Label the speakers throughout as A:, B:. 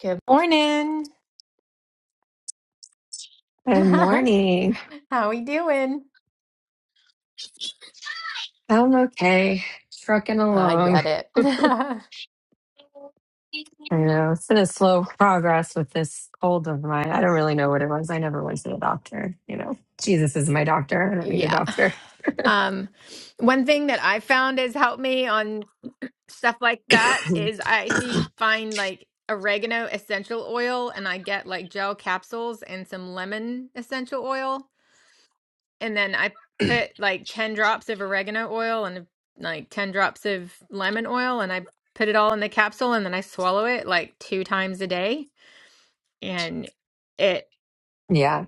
A: Good morning.
B: Good
A: How
B: morning.
A: we doing?
B: I'm okay, trucking
A: I
B: along.
A: get
B: I
A: it.
B: know it's been a slow progress with this cold of mine. I don't really know what it was. I never went to the doctor. You know, Jesus is my doctor. I don't need a
A: Yeah.
B: doctor.
A: Um, one thing that I found has helped me on stuff like that is I actually find like oregano essential oil and I get like gel capsules and some lemon essential oil. And then I put like 10 drops of oregano oil and like 10 drops of lemon oil and I put it all in the capsule and then I swallow it like two times a day. and it
B: Yeah.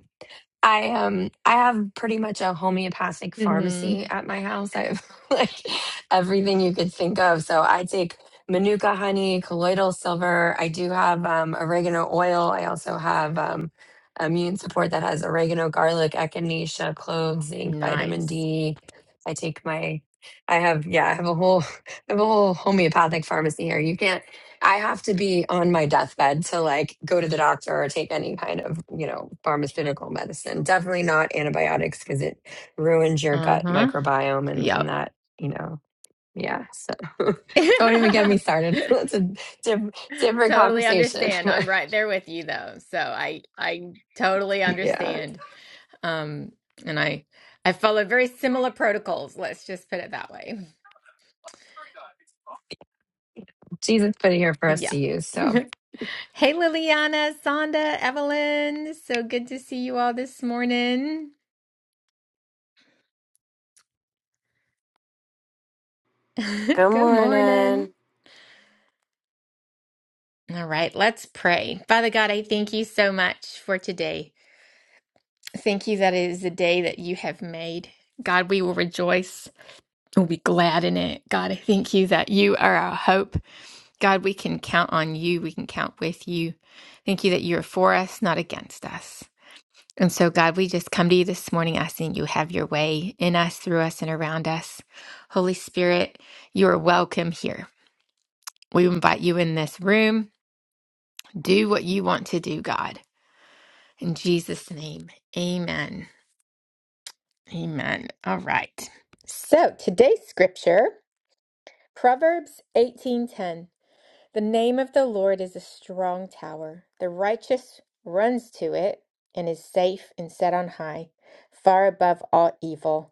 B: I um I have pretty much a homeopathic
A: hmm
B: pharmacy at my house. I have like everything you could think of. So I take manuka honey, colloidal silver. I do have um, oregano oil. I also have um, immune support that has oregano, garlic, echinacea, cloves, zinc, vitamin
A: nice.
B: D. I take my I have yeah I have a whole I have a whole homeopathic pharmacy here. You can't. I have to be on my deathbed to like go to the doctor or take any kind of, you know, pharmaceutical medicine. Definitely not antibiotics because it ruins your gut
A: Uh-huh.
B: microbiome and, and
A: Yep.
B: that, you know, yeah. So don't even get me started. That's a diff- different
A: Totally
B: conversation.
A: understand. I'm
B: But
A: right there with you though. So I I totally
B: yeah,
A: understand. Um and I I follow very similar protocols, let's just put it that way.
B: Jesus put it here for us
A: Yeah.
B: to use. So
A: Hey Liliana, Sonda, Evelyn. So good to see you all this morning.
C: Good
A: Good morning.
C: morning.
A: All right, let's pray. Father God, I thank you so much for today. Thank you that it is the day that you have made. God, we will rejoice and be glad in it. God, I thank you that you are our hope. God, we can count on you. We can count with you. Thank you that you are for us, not against us. And so, God, we just come to you this morning asking you have your way in us, through us, and around us. Holy Spirit, you are welcome here. We invite you in this room. Do what you want to do, God. In Jesus' name, amen. Amen. All right. So today's scripture, Proverbs 18:10. The name of the Lord is a strong tower. The righteous runs to it and is safe and set on high, far above all evil.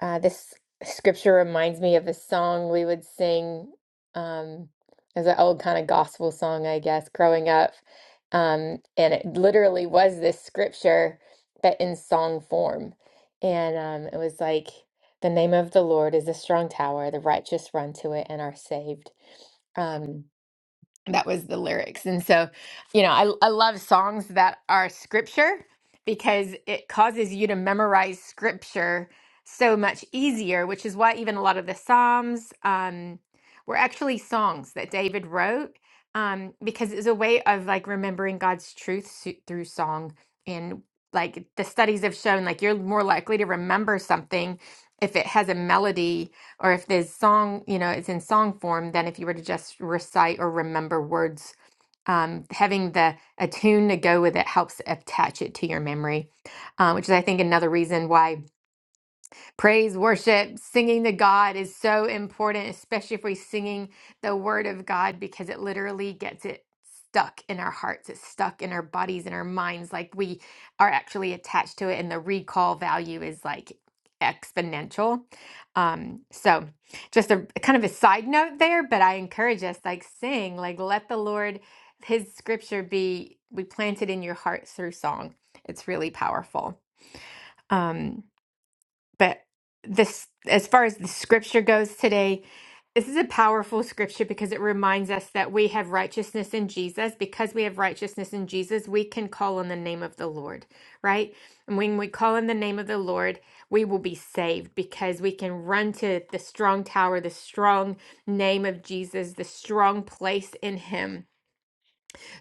A: Uh, this scripture reminds me of a song we would sing um, as an old kind of gospel song, I guess, growing up. Um, and it literally was this scripture, but in song form. And um, it was like, The name of the Lord is a strong tower, the righteous run to it and are saved. Um, that was the lyrics and so you know I, I love songs that are scripture because it causes you to memorize scripture so much easier which is why even a lot of the psalms um, were actually songs that david wrote um, because it's a way of like remembering god's truth su- through song and like the studies have shown like you're more likely to remember something if it has a melody or if there's song, you know, it's in song form, then if you were to just recite or remember words, um, having the a tune to go with it helps attach it to your memory, uh, which is I think another reason why. Praise, worship, singing to God is so important, especially if we're singing the word of God, because it literally gets it stuck in our hearts. It's stuck in our bodies and our minds. Like we are actually attached to it, and the recall value is like exponential. Um, so just a kind of a side note there, but I encourage us like sing, like let the Lord, his scripture be we planted in your heart through song. It's really powerful. Um, but this as far as the scripture goes today this is a powerful scripture because it reminds us that we have righteousness in Jesus. Because we have righteousness in Jesus, we can call on the name of the Lord, right? And when we call on the name of the Lord, we will be saved because we can run to the strong tower, the strong name of Jesus, the strong place in Him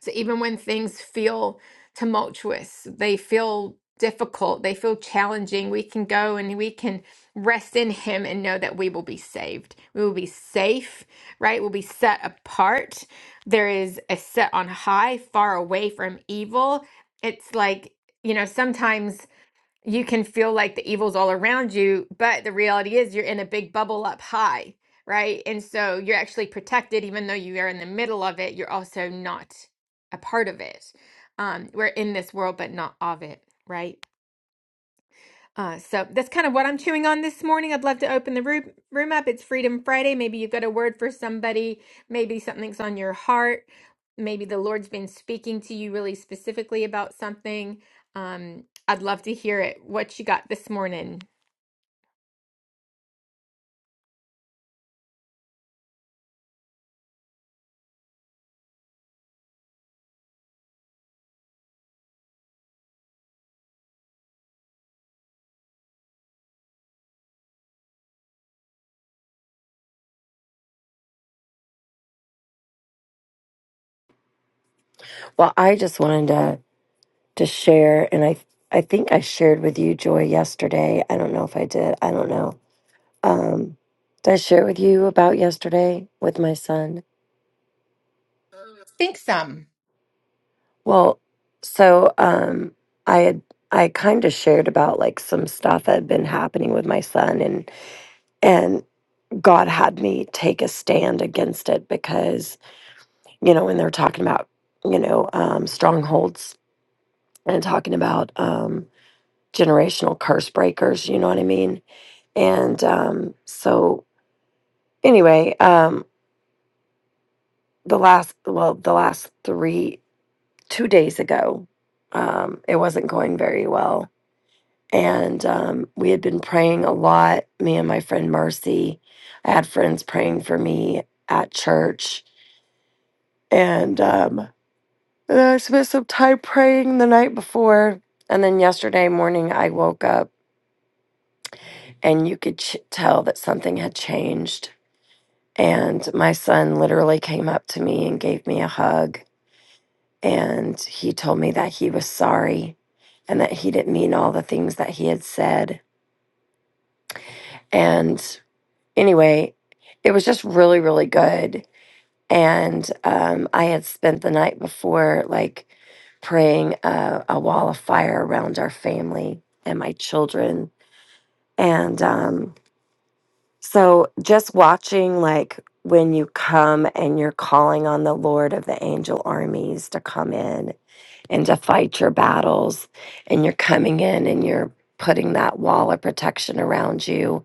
A: so even when things feel tumultuous, they feel difficult, they feel challenging, we can go and we can rest in Him and know that we will be saved. We will be safe, right? We'll be set apart. There is a set on high, far away from evil. It's like, you know, sometimes you can feel like the evil's all around you, but the reality is you're in a big bubble up high, right? And so you're actually protected, even though you are in the middle of it, you're also not a part of it. Um, we're in this world, but not of it, right? Uh, so that's kind of what I'm chewing on this morning. I'd love to open the room, room up. It's Freedom Friday. Maybe you've got a word for somebody. Maybe something's on your heart. Maybe the Lord's been speaking to you really specifically about something. Um, I'd love to hear it. What you got this morning?
C: Well, I just wanted to to share, and I I think I shared with you Joy yesterday. I don't know if I did. I don't know. Um, did I share with you about yesterday with my son?
A: Think some.
C: Well, so um, I had I kind of shared about like some stuff that had been happening with my son, and and God had me take a stand against it because you know when they're talking about you know um, strongholds and talking about. um, generational curse breakers you know what i mean and um so anyway um the last well the last three two days ago um it wasn't going very well and um we had been praying a lot me and my friend mercy i had friends praying for me at church and um and i spent some time praying the night before and then yesterday morning i woke up and you could ch- tell that something had changed And my son literally came up to me and gave me a hug. And he told me that he was sorry and that he didn't mean all the things that he had said. And anyway, it was just really, really good. And um, I had spent the night before, like, praying a, a wall of fire around our family and my children. And um, So just watching like when you come and you're calling on the Lord of the angel armies to come in and to fight your battles and you're coming in and you're putting that wall of protection around you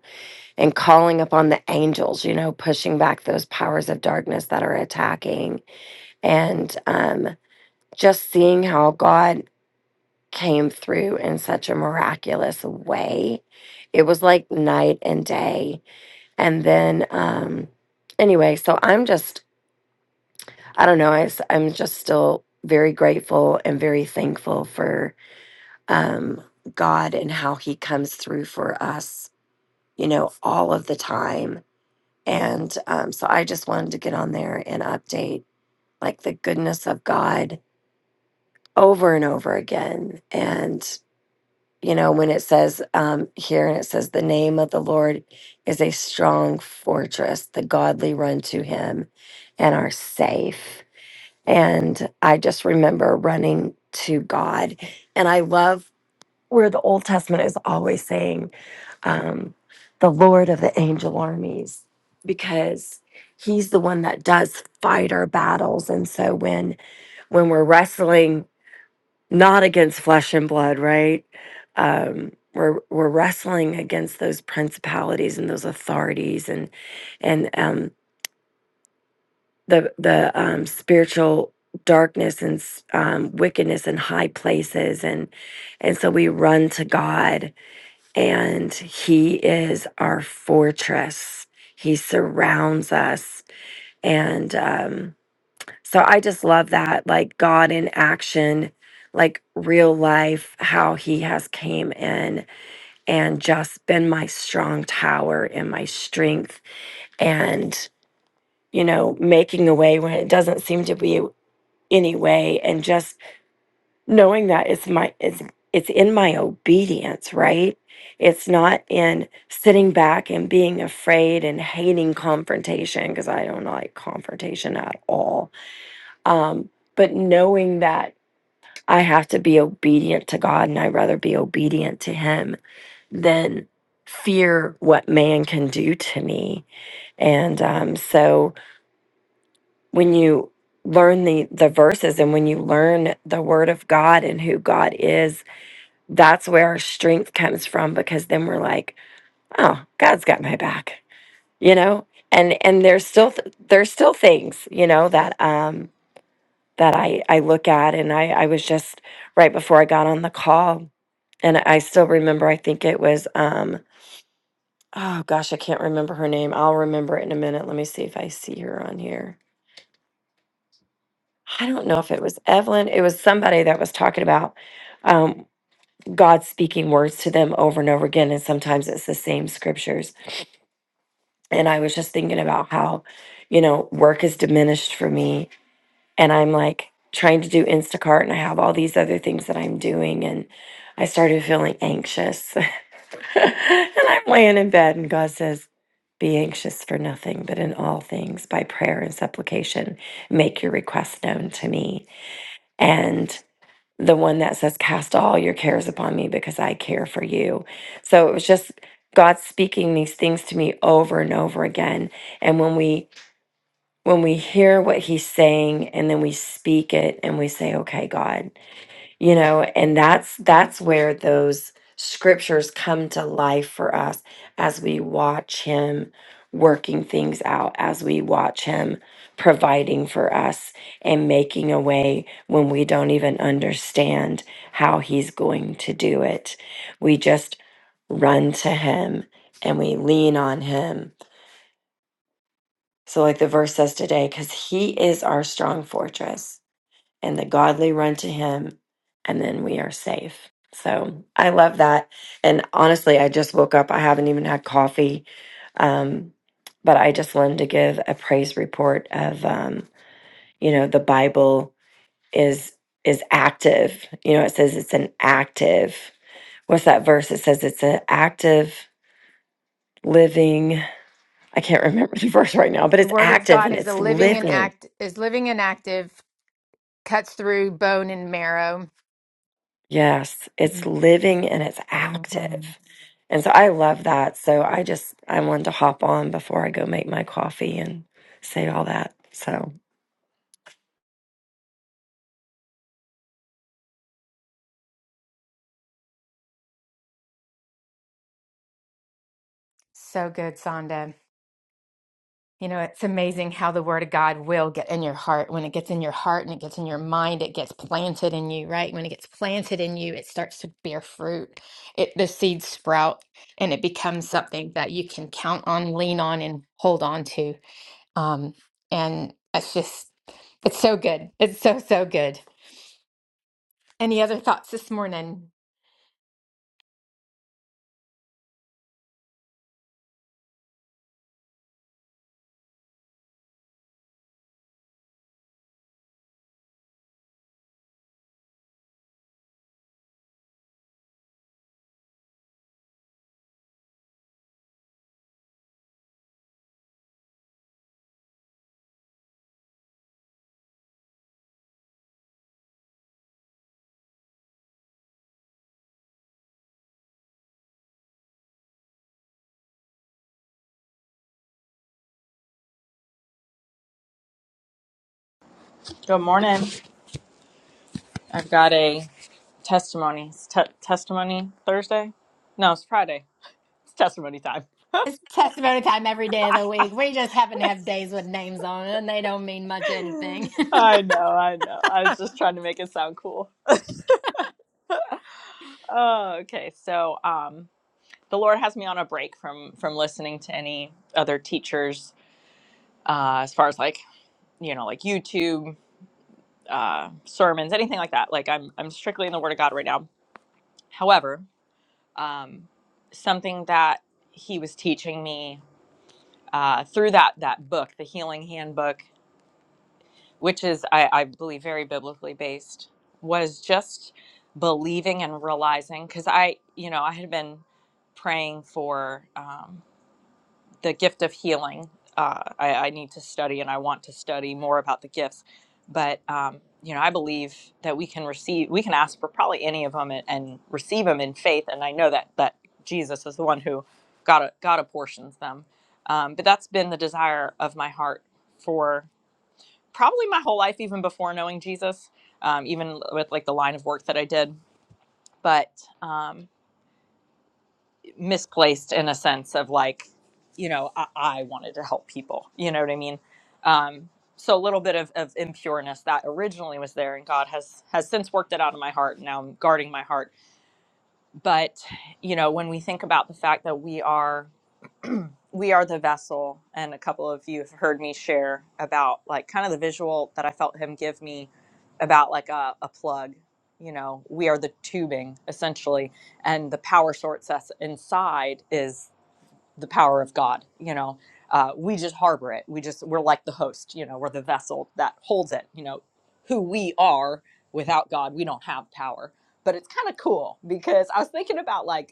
C: and calling upon the angels, you know, pushing back those powers of darkness that are attacking and um just seeing how God came through in such a miraculous way. It was like night and day and then, um, anyway, so I'm just, I don't know, I, am just still very grateful and very thankful for um, God and how He comes through for us, you know, all of the time. And um, so I just wanted to get on there and update like the goodness of God over and over again. And you know, when it says um, here and it says, the name of the Lord is a strong fortress. The godly run to him and are safe. And I just remember running to God. And I love where the Old Testament is always saying, um, the Lord of the angel armies, because he's the one that does fight our battles. And so when when we're wrestling not against flesh and blood, right? Um, we're we're wrestling against those principalities and those authorities and and um, the the um, spiritual darkness and s- um, wickedness in high places and and so we run to God and He is our fortress. He surrounds us and. um, so I just love that, like God in action, like real life, how he has came in and just been my strong tower and my strength and, you know, making a way when it doesn't seem to be any way and just knowing that it's my it's it's in my obedience, right? It's not in sitting back and being afraid and hating confrontation because I don't like confrontation at all. Um, but knowing that I have to be obedient to God and I'd rather be obedient to Him than fear what man can do to me. And um, so when you learn the, the verses and when you learn the Word of God and who God is, that's where our strength comes from because then we're like, oh, God's got my back, you know? And, and there's still th- there's still things you know that um, that I, I look at and I, I was just right before I got on the call And I still remember, I think it was, um, oh gosh, I can't remember her name. I'll remember it in a minute. Let me see if I see her on here. I don't know if it was Evelyn. It was somebody that was talking about um, God speaking words to them over and over again. And sometimes it's the same scriptures. And I was just thinking about how, you know, work is diminished for me. And I'm like trying to do Instacart and I have all these other things that I'm doing. And I started feeling anxious and I'm laying in bed, and God says, Be anxious for nothing, but in all things, by prayer and supplication, make your requests known to me. And the one that says, Cast all your cares upon me because I care for you. So it was just God speaking these things to me over and over again. And when we when we hear what he's saying and then we speak it and we say, Okay, God, you know and that's that's where those scriptures come to life for us as we watch him working things out as we watch him providing for us and making a way when we don't even understand how he's going to do it we just run to him and we lean on him so like the verse says today cuz he is our strong fortress and the godly run to him and then we are safe so i love that and honestly i just woke up i haven't even had coffee um, but i just wanted to give a praise report of um, you know the bible is is active you know it says it's an active what's that verse it says it's an active living i can't remember the verse right now but
A: The
C: it's
A: Word of
C: active
A: God
C: and
A: is a
C: it's
A: living and
C: living
A: act is living and active, cuts through bone and marrow.
C: Yes, it's living and it's active.
A: Mhm.
C: And so I love that. So I just I wanted to hop on before I go make my coffee and say all that. So
A: So good, Sonda. You know, it's amazing how the word of God will get in your heart. When it gets in your heart and it gets in your mind, it gets planted in you, right? When it gets planted in you, it starts to bear fruit. It the seeds sprout and it becomes something that you can count on, lean on, and hold on to. Um, and it's just it's so good. It's so, so good. Any other thoughts this morning?
D: Good morning. I've got a testimony. It's te- testimony Thursday? No, it's Friday. It's testimony time.
A: It's testimony time every day of the week. We just happen to have days with names on it and they don't mean much anything.
D: I know, I know. I was just trying to make it sound cool. Oh, okay. So, um, the Lord has me on a break from from listening to any other teachers, uh, as far as like you know, like YouTube uh, sermons, anything like that. Like I'm I'm strictly in the Word of God right now. However, um, something that He was teaching me uh, through that that book, the Healing Handbook, which is I, I believe very biblically based, was just believing and realizing because I you know I had been praying for. Um, the gift of healing. Uh, I, I need to study and I want to study more about the gifts. But, um, you know, I believe that we can receive, we can ask for probably any of them and, and receive them in faith. And I know that, that Jesus is the one who God, God apportions them. Um, but that's been the desire of my heart for probably my whole life, even before knowing Jesus, um, even with like the line of work that I did. But, um, misplaced in a sense of like, you know, I, I wanted to help people. You know what I mean? Um, so a little bit of, of impureness that originally was there, and God has has since worked it out of my heart. Now I'm guarding my heart. But you know, when we think about the fact that we are we are the vessel, and a couple of you have heard me share about like kind of the visual that I felt Him give me about like a, a plug. You know, we are the tubing essentially, and the power source that's inside is the power of God. You know, uh, we just harbor it. We just we're like the host. You know, we're the vessel that holds it. You know, who we are without God, we don't have power. But it's kind of cool because I was thinking about like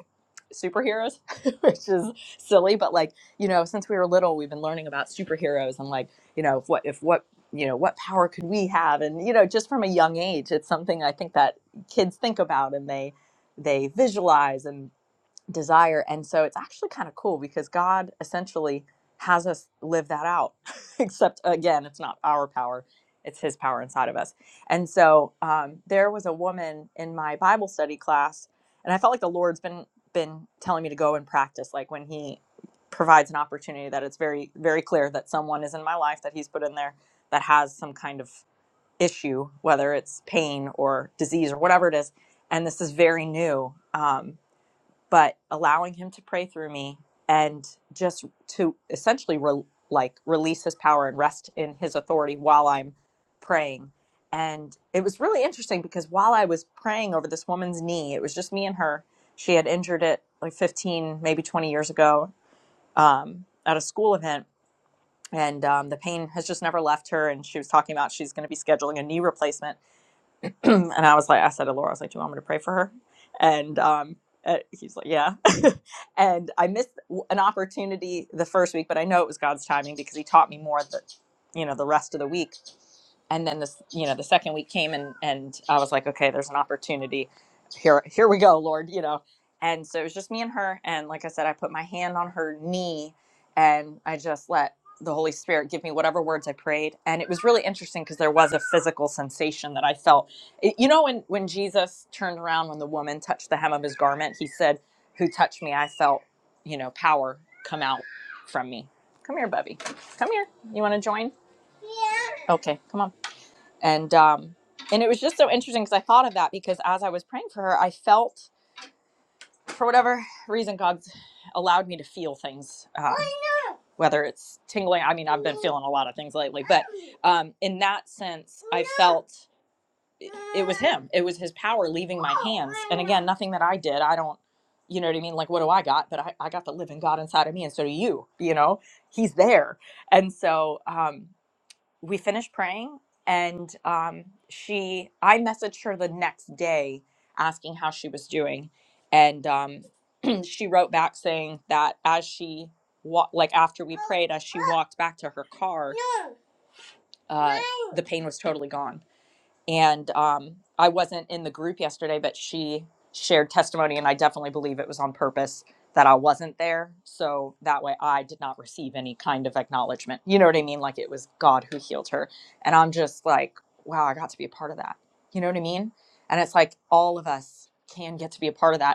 D: superheroes, which is silly, but like you know, since we were little, we've been learning about superheroes and like you know, if what if what you know what power could we have and you know just from a young age it's something i think that kids think about and they they visualize and desire. And so it's actually kind of cool because God essentially has us live that out, except again, it's not our power, it's His power inside of us. And so um, there was a woman in my Bible study class, and I felt like the Lord's been been telling me to go and practice, like when He provides an opportunity that it's very very clear that someone is in my life that He's put in there that has some kind of issue, whether it's pain or disease or whatever it is. And this is very new. Um, but allowing him to pray through me and just to essentially re- like release his power and rest in his authority while I'm praying. And it was really interesting because while I was praying over this woman's knee, it was just me and her. She had injured it like 15, maybe 20 years ago um, at a school event. And um, the pain has just never left her. And she was talking about she's going to be scheduling a knee replacement and I was like, I said to Laura, I was like, "Do you want me to pray for her?" And um, uh, he's like, "Yeah." and I missed an opportunity the first week, but I know it was God's timing because He taught me more the, you know, the rest of the week and then this you know the second week came and and i was like okay there's an opportunity here here we go lord you know and so it was just me and her and like i said i put my hand on her knee and i just let the holy spirit give me whatever words i prayed and it was really interesting because there was a physical sensation that i felt It- you know when when jesus turned around when the woman touched the hem of his garment he said who touched me i felt you know power come out from me come here bubby come here you want to join okay come on and um and it was just so interesting because i thought of that because as i was praying for her i felt for whatever reason god's allowed me to feel things uh, whether it's tingling i mean i've been feeling a lot of things lately but um in that sense i felt it, it was him it was his power leaving my hands and again nothing that i did i don't you know what i mean like what do i got but i, I got the living god inside of me and so do you you know he's there and so um we finished praying and um, she i messaged her the next day asking how she was doing and um, she wrote back saying that as she wa- like after we prayed as she walked back to her car uh, the pain was totally gone and um, I wasn't in the group yesterday, but she shared testimony, and I definitely believe it was on purpose that I wasn't there. So that way I did not receive any kind of acknowledgement. You know what I mean? Like it was God who healed her. And I'm just like, wow, I got to be a part of that. You know what I mean? And it's like all of us can get to be a part of that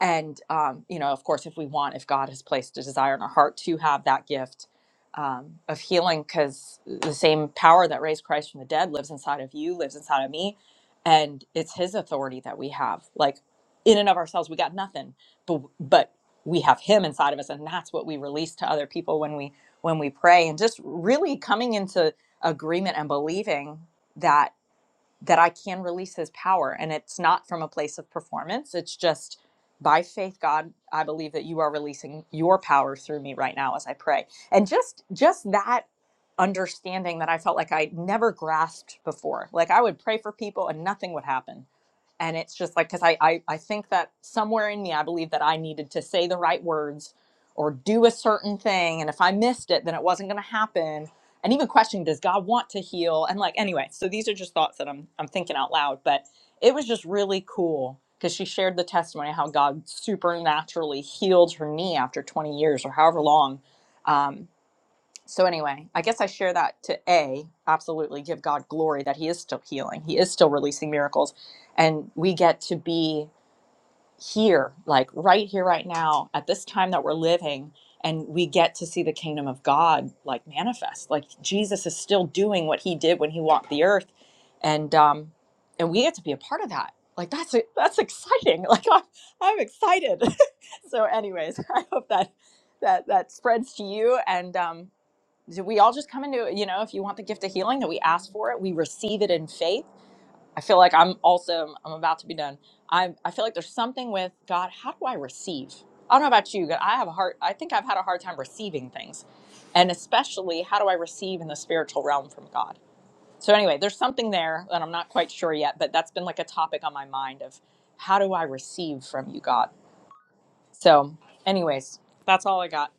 D: and um, you know of course if we want if god has placed a desire in our heart to have that gift um, of healing because the same power that raised christ from the dead lives inside of you lives inside of me and it's his authority that we have like in and of ourselves we got nothing but but we have him inside of us and that's what we release to other people when we when we pray and just really coming into agreement and believing that that I can release his power. And it's not from a place of performance. It's just by faith, God, I believe that you are releasing your power through me right now as I pray. And just just that understanding that I felt like I never grasped before. Like I would pray for people and nothing would happen and it's just like because I, I i think that somewhere in me i believe that i needed to say the right words or do a certain thing and if i missed it then it wasn't going to happen and even questioning does god want to heal and like anyway so these are just thoughts that i'm i'm thinking out loud but it was just really cool because she shared the testimony of how god supernaturally healed her knee after 20 years or however long Um, so anyway, I guess I share that to A, absolutely give God glory that he is still healing. He is still releasing miracles and we get to be here like right here right now at this time that we're living and we get to see the kingdom of God like manifest. Like Jesus is still doing what he did when he walked the earth and um and we get to be a part of that. Like that's e, that's exciting. Like I'm, I'm excited. so anyways, I hope that that that spreads to you and um do we all just come into you know if you want the gift of healing that we ask for it we receive it in faith i feel like i'm also i'm about to be done i i feel like there's something with god how do i receive i don't know about you but i have a hard i think i've had a hard time receiving things and especially how do i receive in the spiritual realm from god so anyway there's something there that i'm not quite sure yet but that's been like a topic on my mind of how do i receive from you god so anyways that's all i got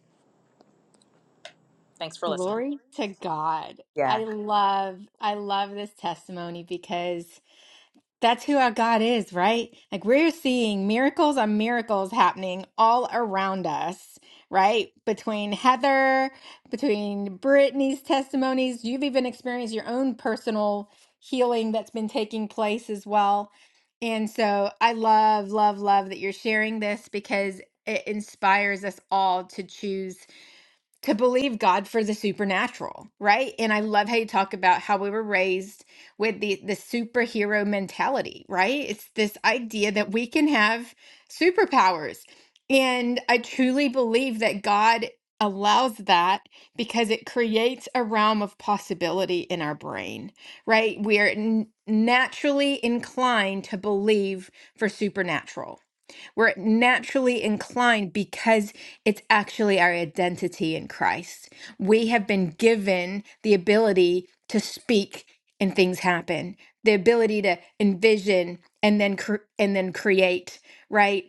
D: thanks for listening
A: Glory to God.
D: Yeah.
A: I love I love this testimony because That's who our God is, right? Like we're seeing miracles on miracles happening all around us, right? Between Heather, between Brittany's testimonies, you've even experienced your own personal healing that's been taking place as well. And so I love, love, love that you're sharing this because it inspires us all to choose to believe God for the supernatural, right? And I love how you talk about how we were raised with the the superhero mentality, right? It's this idea that we can have superpowers. And I truly believe that God allows that because it creates a realm of possibility in our brain, right? We are n- naturally inclined to believe for supernatural we're naturally inclined because it's actually our identity in Christ. We have been given the ability to speak and things happen, the ability to envision and then cre- and then create, right?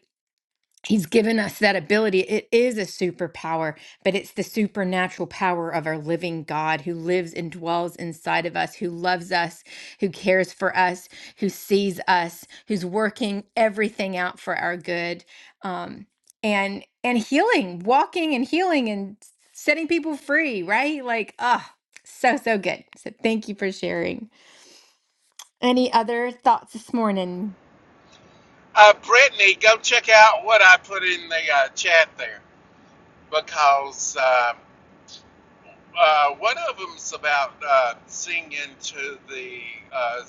A: He's given us that ability. It is a superpower, but it's the supernatural power of our living God who lives and dwells inside of us, who loves us, who cares for us, who sees us, who's working everything out for our good. Um, and and healing, walking and healing and setting people free, right? Like, ah, so so good. So thank you for sharing. Any other thoughts this morning?
E: Uh, Brittany, go check out what I put in the uh, chat there because um uh, one of them's about uh, singing to the uh,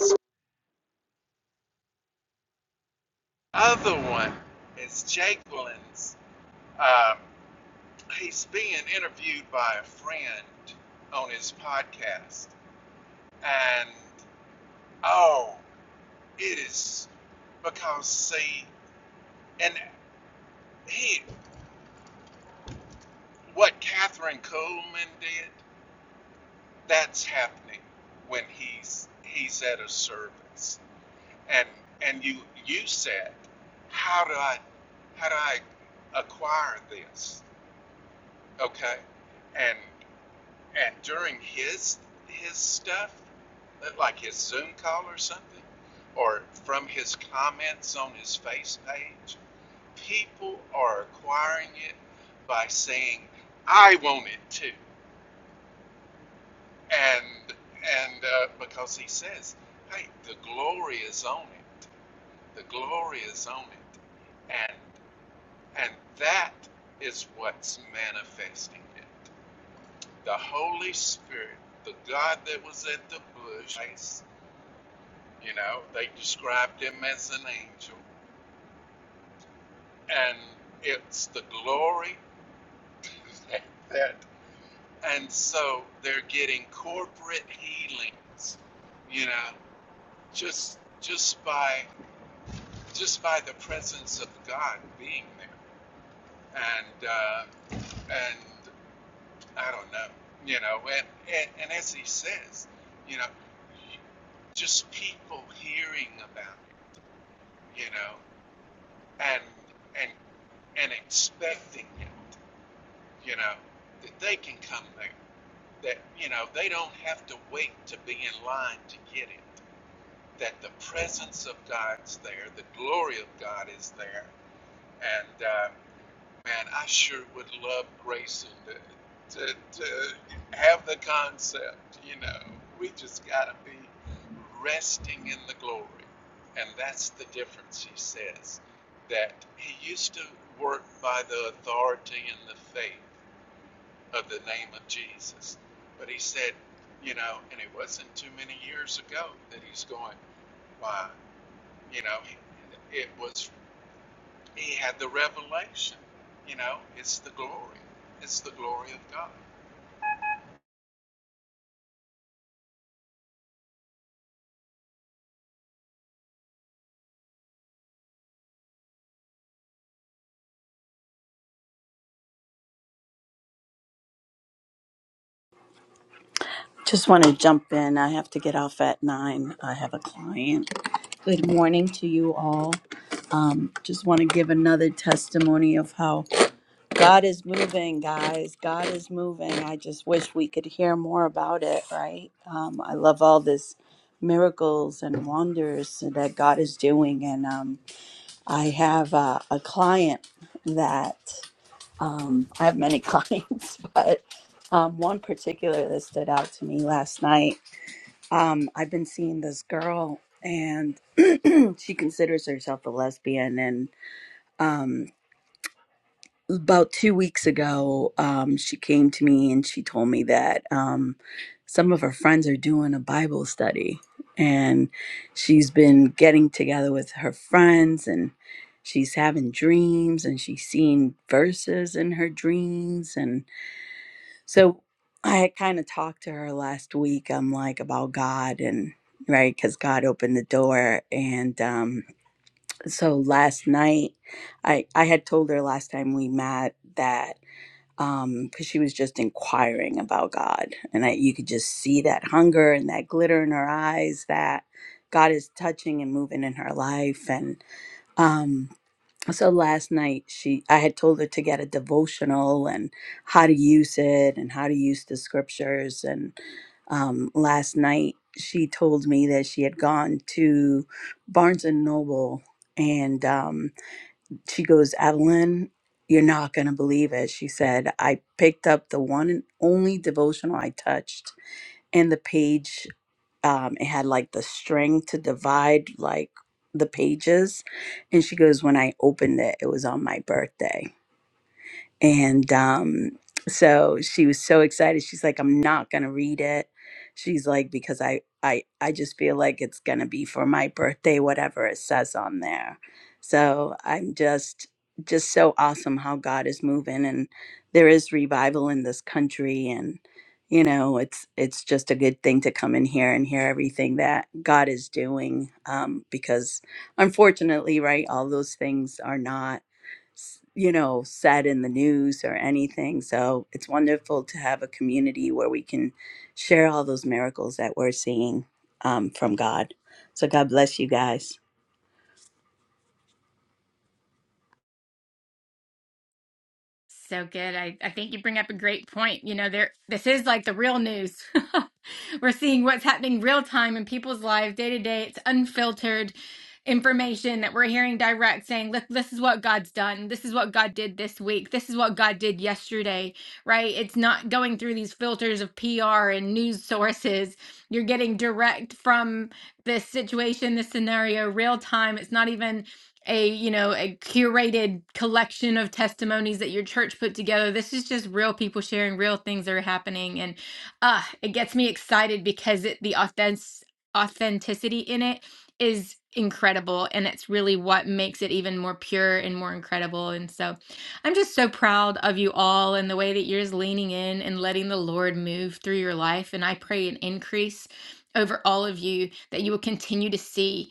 E: other one is Jacqueline's. Um, he's being interviewed by a friend on his podcast, and oh, it is because see, and he what Catherine Coleman did. that's happening when he's he's at a service and and you you said how do i how do i acquire this okay and and during his his stuff like his zoom call or something or from his comments on his face page people are acquiring it by saying i want it too and and uh, because he says, "Hey, the glory is on it. The glory is on it," and and that is what's manifesting it. The Holy Spirit, the God that was at the bush, you know, they described him as an angel, and it's the glory that. that And so they're getting corporate healings, you know, just just by just by the presence of God being there. And uh, and I don't know, you know, and, and, and as he says, you know, just people hearing about it, you know, and and and expecting it, you know, that they can come there. That you know, they don't have to wait to be in line to get it. That the presence of God's there, the glory of God is there, and uh, man, I sure would love Grayson to, to, to have the concept, you know. We just got to be resting in the glory. And that's the difference, he says, that he used to work by the authority and the faith of the name of Jesus. But he said, you know, and it wasn't too many years ago that he's going, why? You know, it was he had the revelation. You know, it's the glory. It's the glory of God.
F: Just want to jump in. I have to get off at nine. I have a client. Good morning to you all. Um, just want to give another testimony of how God is moving, guys. God is moving. I just wish we could hear more about it, right? Um, I love all this miracles and wonders that God is doing. And um, I have uh, a client that um, I have many clients, but um, one particular that stood out to me last night um, I've been seeing this girl, and she considers herself a lesbian. And um, about two weeks ago, um, she came to me and she told me that um, some of her friends are doing a Bible study, and she's been getting together with her friends and. She's having dreams and she's seeing verses in her dreams. and. So I kind of talked to her last week. I'm like about God and right because God opened the door. And um, so last night, I I had told her last time we met that um because she was just inquiring about God, and I you could just see that hunger and that glitter in her eyes that God is touching and moving in her life and. um so last night she i had told her to get a devotional and how to use it and how to use the scriptures and um, last night she told me that she had gone to barnes and noble and um, she goes adeline you're not going to believe it she said i picked up the one and only devotional i touched and the page um, it had like the string to divide like the pages. And she goes, When I opened it, it was on my birthday. And um, so she was so excited. She's like, I'm not gonna read it. She's like, because I I I just feel like it's gonna be for my birthday, whatever it says on there. So I'm just just so awesome how God is moving and there is revival in this country and you know it's it's just a good thing to come in here and hear everything that God is doing um, because unfortunately right all those things are not s- you know, said in the news or anything. So it's wonderful to have a community where we can share all those miracles that we're seeing um, from God. So God bless you guys.
A: So good. I, I think you bring up a great point. You know, there this is like the real news. We're seeing what's happening real time in people's lives day to day. It's unfiltered information that we're hearing direct saying, look, this is what God's done. This is what God did this week. This is what God did yesterday, right? It's not going through these filters of PR and news sources. You're getting direct from this situation, this scenario, real time. It's not even a you know a curated collection of testimonies that your church put together this is just real people sharing real things that are happening and uh it gets me excited because it, the authentic authenticity in it is incredible and it's really what makes it even more pure and more incredible and so i'm just so proud of you all and the way that you're just leaning in and letting the lord move through your life and i pray an increase over all of you that you will continue to see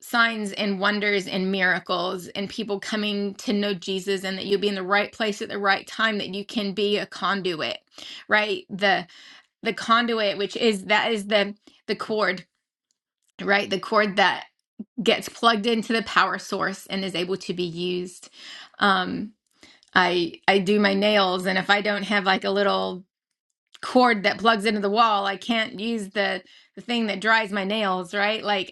A: signs and wonders and miracles and people coming to know Jesus and that you'll be in the right place at the right time that you can be a conduit right the the conduit which is that is the the cord right the cord that gets plugged into the power source and is able to be used um I I do my nails and if I don't have like a little cord that plugs into the wall I can't use the the thing that dries my nails right like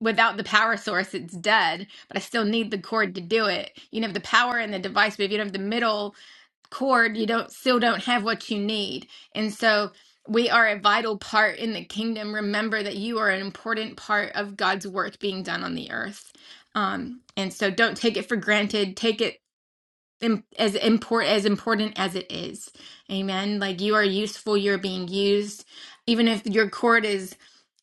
A: without the power source, it's dead, but I still need the cord to do it. You can have the power and the device, but if you don't have the middle cord, you don't still don't have what you need. And so we are a vital part in the kingdom. Remember that you are an important part of God's work being done on the earth. Um, and so don't take it for granted. Take it im- as important as important as it is amen like you are useful you're being used even if your cord is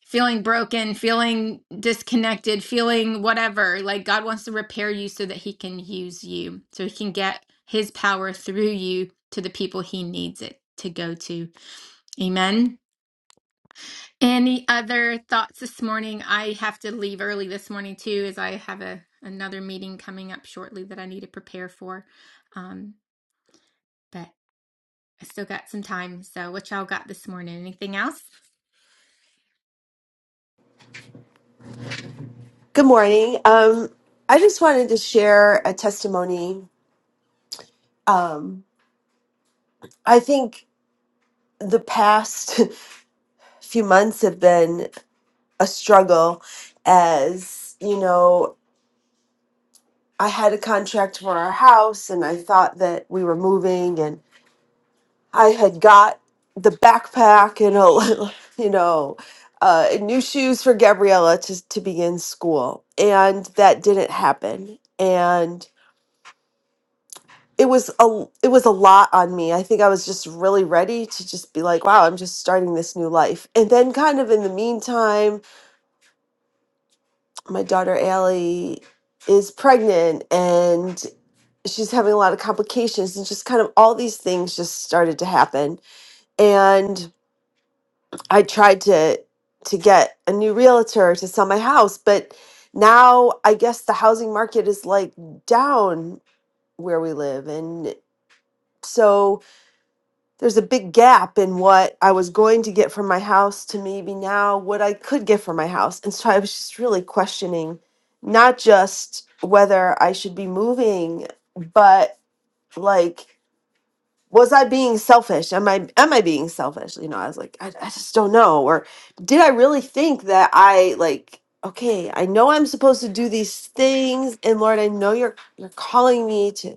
A: feeling broken feeling disconnected feeling whatever like god wants to repair you so that he can use you so he can get his power through you to the people he needs it to go to amen any other thoughts this morning i have to leave early this morning too as i have a another meeting coming up shortly that i need to prepare for um, but I still got some time. So, what y'all got this morning? Anything else?
G: Good morning. Um, I just wanted to share a testimony. Um, I think the past few months have been a struggle, as you know, I had a contract for our house and I thought that we were moving, and I had got the backpack and a, you know, uh, new shoes for Gabriella to, to begin school, and that didn't happen. And it was a it was a lot on me. I think I was just really ready to just be like, wow, I'm just starting this new life. And then kind of in the meantime, my daughter Allie is pregnant and she's having a lot of complications and just kind of all these things just started to happen. And I tried to to get a new realtor to sell my house, but now I guess the housing market is like down where we live and so there's a big gap in what I was going to get from my house to maybe now what I could get from my house. And so I was just really questioning not just whether I should be moving, but like, was I being selfish? Am I am I being selfish? You know, I was like, I, I just don't know. Or did I really think that I like, okay, I know I'm supposed to do these things, and Lord, I know you're you're calling me to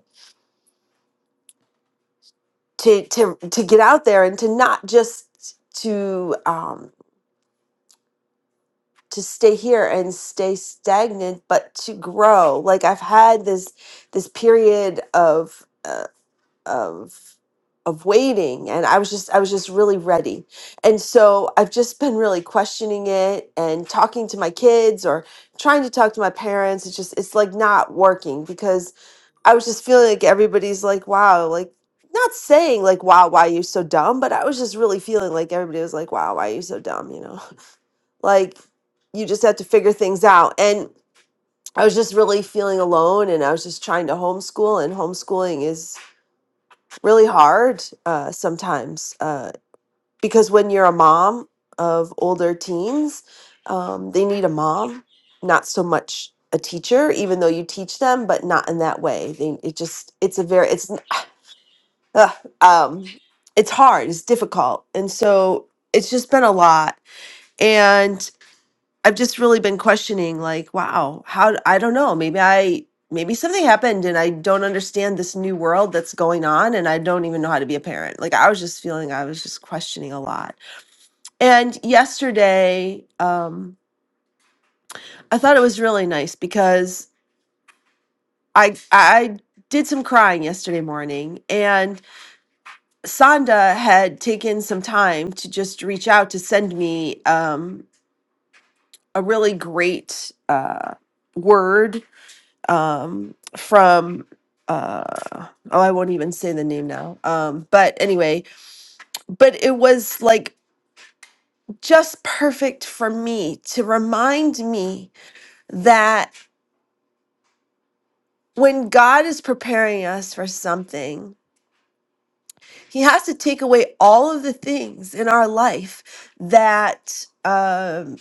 G: to to to get out there and to not just to um to stay here and stay stagnant but to grow like i've had this this period of uh, of of waiting and i was just i was just really ready and so i've just been really questioning it and talking to my kids or trying to talk to my parents it's just it's like not working because i was just feeling like everybody's like wow like not saying like wow why are you so dumb but i was just really feeling like everybody was like wow why are you so dumb you know like you just have to figure things out and i was just really feeling alone and i was just trying to homeschool and homeschooling is really hard uh, sometimes uh, because when you're a mom of older teens um, they need a mom not so much a teacher even though you teach them but not in that way they, it just it's a very it's uh, um, it's hard it's difficult and so it's just been a lot and. I've just really been questioning, like, wow, how, d- I don't know, maybe I, maybe something happened and I don't understand this new world that's going on and I don't even know how to be a parent. Like, I was just feeling, I was just questioning a lot. And yesterday, um, I thought it was really nice because I, I, did some crying yesterday morning and Sonda had taken some time to just reach out to send me um, a really great uh, word um, from uh, oh, I won't even say the name now. Um, but anyway, but it was like just perfect for me to remind me that when God is preparing us for something, He has to take away all of the things in our life that um,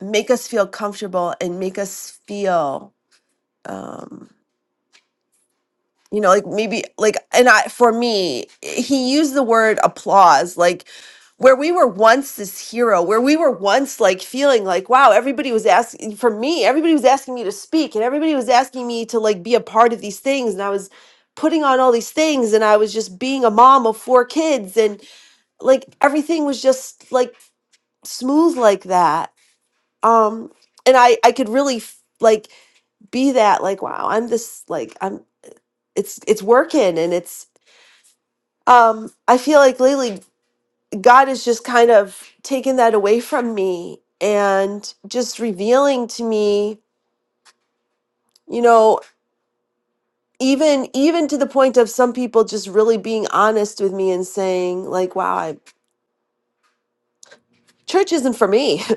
G: make us feel comfortable and make us feel. Um, you know like maybe like and i for me he used the word applause like where we were once this hero where we were once like feeling like wow everybody was asking for me everybody was asking me to speak and everybody was asking me to like be a part of these things and i was putting on all these things and i was just being a mom of four kids and like everything was just like smooth like that um and i i could really f- like be that like wow i'm this like i'm it's it's working and it's um, I feel like lately God has just kind of taken that away from me and just revealing to me, you know, even even to the point of some people just really being honest with me and saying like, "Wow, I, church isn't for me," and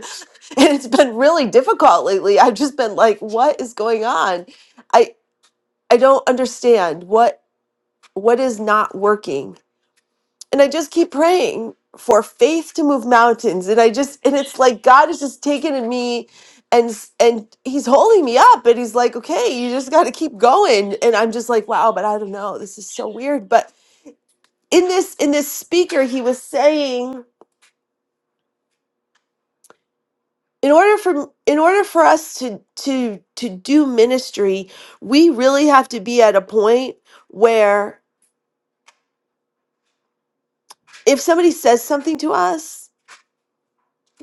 G: it's been really difficult lately. I've just been like, "What is going on? I I don't understand what what is not working." and I just keep praying for faith to move mountains. And I just and it's like God is just taking in me and s- and he's holding me up and he's like, "Okay, you just got to keep going." And I'm just like, "Wow, but I don't know. This is so weird." But in this in this speaker, he was saying in order for in order for us to to to do ministry, we really have to be at a point where if somebody says something to us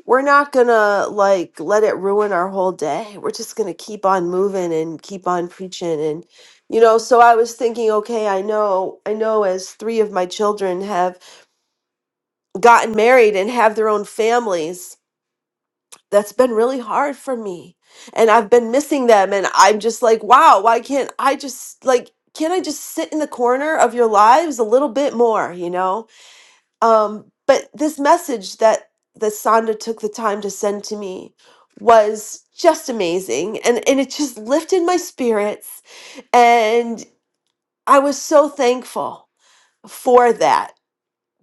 G: we're not gonna like let it ruin our whole day. We're just gonna keep on moving and keep on preaching and you know, so I was thinking, okay, I know I know as three of my children have gotten married and have their own families, that's been really hard for me. And I've been missing them and I'm just like, wow, why can't I just like can't I just sit in the corner of your lives a little bit more, you know? Um, but this message that that Sonda took the time to send to me was just amazing, and and it just lifted my spirits, and I was so thankful for that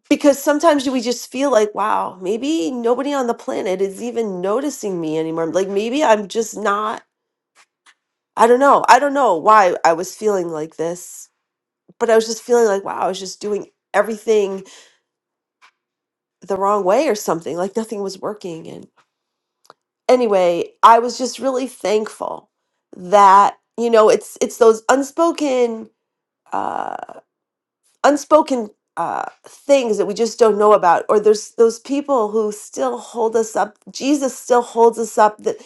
G: because sometimes we just feel like, wow, maybe nobody on the planet is even noticing me anymore. Like maybe I'm just not. I don't know. I don't know why I was feeling like this, but I was just feeling like, wow, I was just doing everything the wrong way or something. Like nothing was working, anyway, I was just really thankful that you know it's it's those unspoken uh, unspoken uh, things that we just don't know about, or there's those people who still hold us up. Jesus still holds us up. That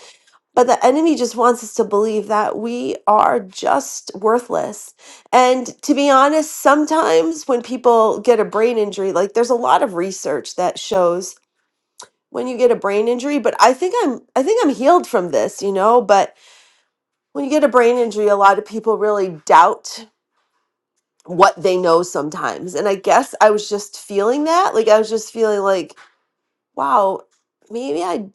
G: but the enemy just wants us to believe that we are just worthless. And to be honest, sometimes when people get a brain injury, like there's a lot of research that shows when you get a brain injury but i think i'm i think i'm healed from this you know but When you get a brain injury, a lot of people really doubt what they know sometimes. And I guess I was just feeling that. Like, I was just feeling like, wow, maybe I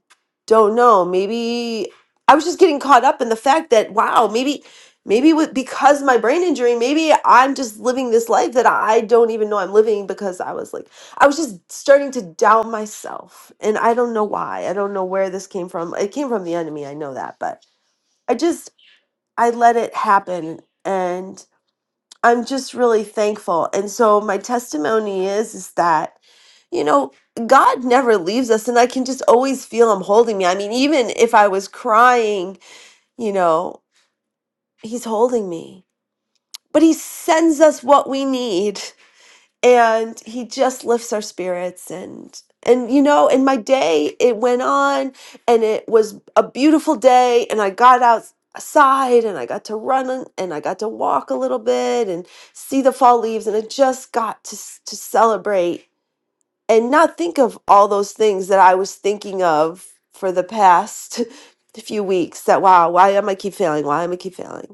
G: don't know. Maybe I was just getting caught up in the fact that, wow, maybe, maybe with, because my brain injury, maybe I'm just living this life that I don't even know I'm living because I was like, I was just starting to doubt myself. And I don't know why. I don't know where this came from. It came from the enemy. I know that. But I just, I let it happen and I'm just really thankful. And so my testimony is is that, you know, God never leaves us and I can just always feel him holding me. I mean, even if I was crying, you know, he's holding me. But he sends us what we need. and he just lifts our spirits and and you know in my day it went on and it was a beautiful day and i got outside and i got to run and and i got to walk a little bit and see the fall leaves and i just got to s- to celebrate and not think of all those things that i was thinking of for the past few weeks that wow why am i keep failing why am i keep failing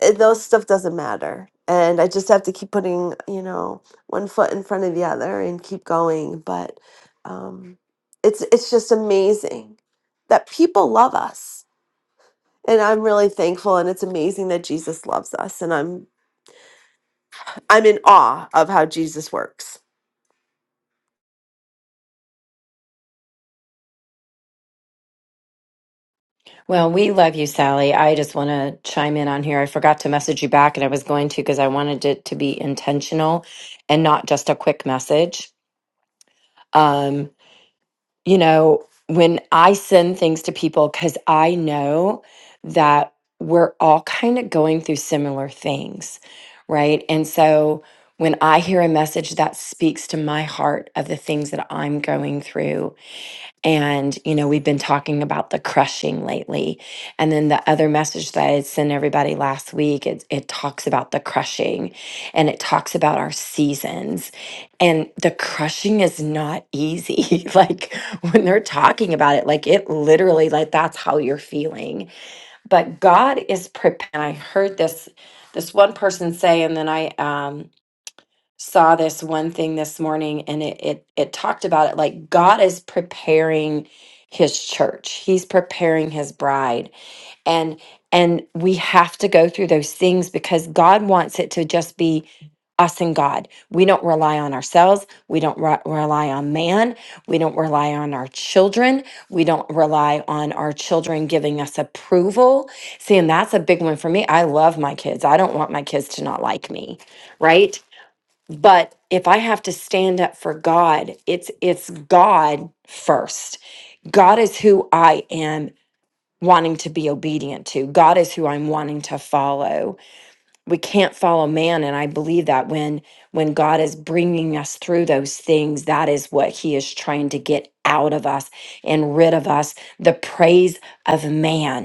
G: it- those stuff doesn't matter. And I just have to keep putting, you know, one foot in front of the other and keep going. But um, it's it's just amazing that people love us, and I'm really thankful. And it's amazing that Jesus loves us, and I'm I'm in awe of how Jesus works.
C: Well, we love you, Sally. I just want to chime in on here. I forgot to message you back, and I was going to because I wanted it to be intentional and not just a quick message. Um, you know, when I send things to people, because I know that we're all kind of going through similar things, right? And so when I hear a message that speaks to my heart of the things that I'm going through, and, you know, we've been talking about the crushing lately. And then the other message that I had sent everybody last week, it, it talks about the crushing and it talks about our seasons. And the crushing is not easy. like when they're talking about it, like it literally, like that's how you're feeling. But God is prepared. I heard this this one person say, and then I um saw this one thing this morning and it it it talked about it like God is preparing his church. He's preparing his bride. And and we have to go through those things because God wants it to just be us and God. We don't rely on ourselves. We don't re- rely on man. We don't rely on our children. We don't rely on our children giving us approval. See, and that's a big one for me. I love my kids. I don't want my kids to not like me, right? but if i have to stand up for god it's it's god first god is who i am wanting to be obedient to god is who i'm wanting to follow we can't follow man and i believe that when when god is bringing us through those things that is what he is trying to get out of us and rid of us the praise of man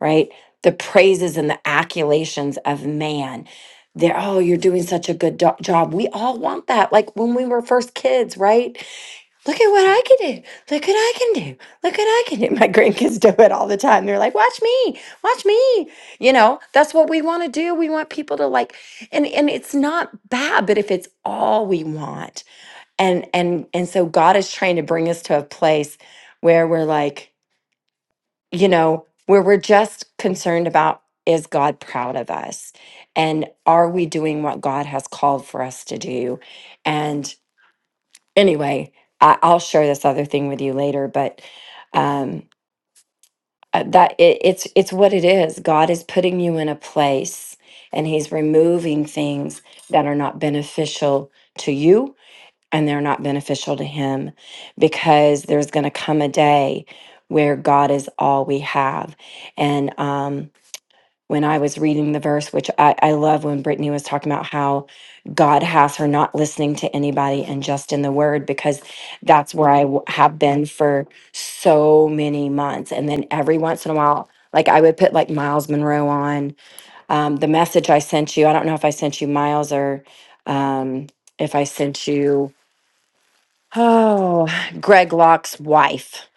C: right? The praises and the accolations of man. They're, oh, you're doing such a good do- job. We all want that. Like when we were first kids, right? Look at what I can do. Look what I can do. Look what I can do. My grandkids do it all the time. They're like, watch me, watch me. You know, that's what we want to do. We want people to like, and and it's not bad, but if it's all we want, and and and so God is trying to bring us to a place where we're like you know, where we're just concerned about is God proud of us? And are we doing what God has called for us to do? And anyway, I, I'll share this other thing with you later, but um, uh, that it, it's it's what it is. God is putting you in a place, and He's removing things that are not beneficial to you and they're not beneficial to him because there's going to come a day where God is all we have. And um, when I was reading the verse, which I, I love when Brittany was talking about how God has her not listening to anybody and just in the word, because that's where I w- have been for so many months. And then every once in a while, like I would put like Miles Monroe on um, the message I sent you. I don't know if I sent you Miles or um, if I sent you Oh, Greg Locke's wife.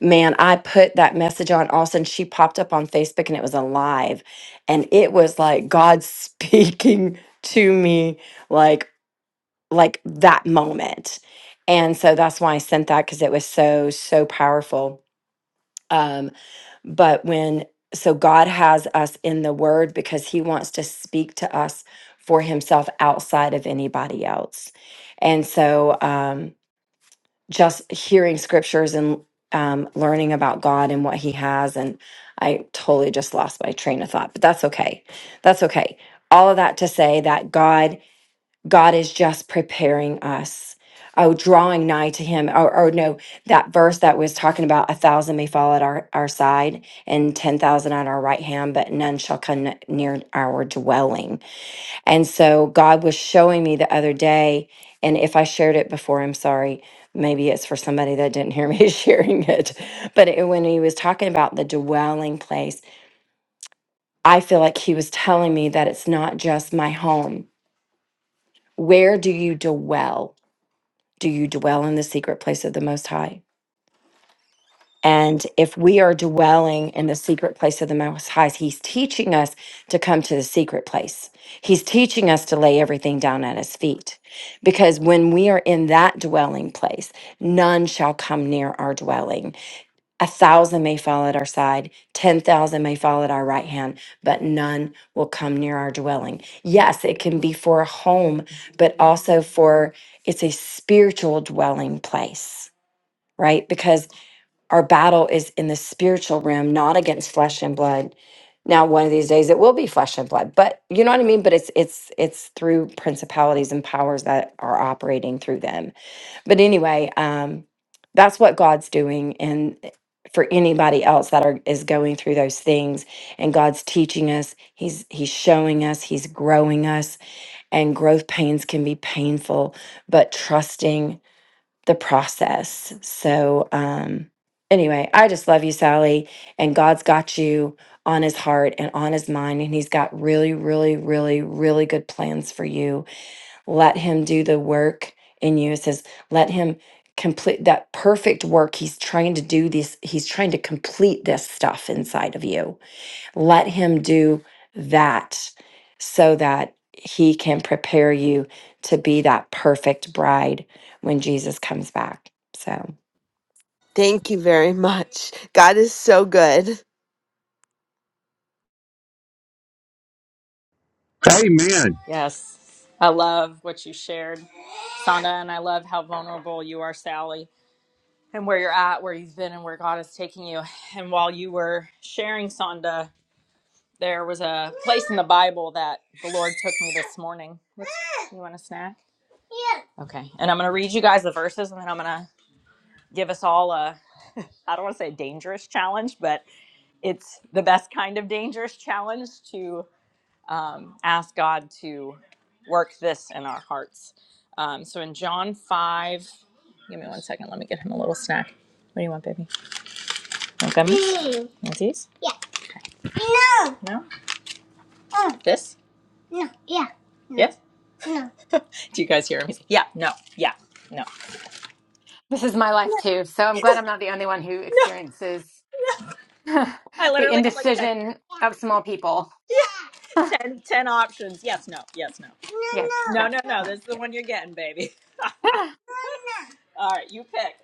C: Man, I put that message on also, and she popped up on Facebook and it was alive. And it was like God speaking to me like like that moment. And so that's why I sent that because it was so, so powerful. Um, but when so God has us in the word because he wants to speak to us for himself outside of anybody else. And so um just hearing scriptures and um, learning about God and what He has. And I totally just lost my train of thought, but that's okay. That's okay. All of that to say that God, God is just preparing us. Oh, drawing nigh to him, or, or no, that verse that was talking about a thousand may fall at our, our side and 10,000 at our right hand, but none shall come near our dwelling and so God was showing me the other day, and if I shared it before, I'm sorry. Maybe it's for somebody that didn't hear me sharing it. But it, when he was talking about the dwelling place, I feel like he was telling me that it's not just my home. Where do you dwell? Do you dwell in the secret place of the Most High? And if we are dwelling in the secret place of the Most High, He's teaching us to come to the secret place. He's teaching us to lay everything down at His feet. Because when we are in that dwelling place, none shall come near our dwelling. A thousand may fall at our side, 10,000 may fall at our right hand, but none will come near our dwelling. Yes, it can be for a home, but also for it's a spiritual dwelling place, right? Because our battle is in the spiritual realm, not against flesh and blood. Now, one of these days it will be flesh and blood, but you know what I mean? But it's it's it's through principalities and powers that are operating through them. But anyway, um, that's what God's doing and for anybody else that are is going through those things and God's teaching us, He's He's showing us, He's growing us, and growth pains can be painful, but trusting the process. So, um, anyway, I just love you, Sally. And God's got you on his heart and on his mind. And he's got really, really, really, really good plans for you. Let him do the work in you. It says, let him complete that perfect work. He's trying to do this, he's trying to complete this stuff inside of you. Let Him do that so that He can prepare you to be that perfect bride when Jesus comes back. So,
G: Thank you very much. God is so good.
E: Amen.
D: Yes. I love what you shared, Sonda, and I love how vulnerable you are, Sally, and where you're at, where you've been, and where God is taking you. And while you were sharing, Sonda, there was a place in the Bible that the Lord took me this morning. What's, you want a snack? Yeah. Okay. And I'm going to read you guys the verses, and then I'm going to give us all a, I don't want to say dangerous challenge, but it's the best kind of dangerous challenge to um, ask God to work this in our hearts. Um, so in John 5, give me one second. Let me get him a little snack. What do you want, baby? You want gummies? want these? Yeah. No. No? Mm. This? No. Yeah. No. Yes? No. Do you guys hear him? He's like, yeah, no, yeah, no.
A: This is my life
D: No.
A: too. So I'm glad I'm not the only one who
D: No.
A: experiences the
D: I literally have like 10.
A: indecision of small people.
D: Yeah. yeah. 10, 10 options. Yes, no, yes, no.
A: Yes.
D: No,
A: No.
D: no. No, no, no.
A: No.
D: This is the
A: Yes.
D: one you're getting, baby. All right, you pick.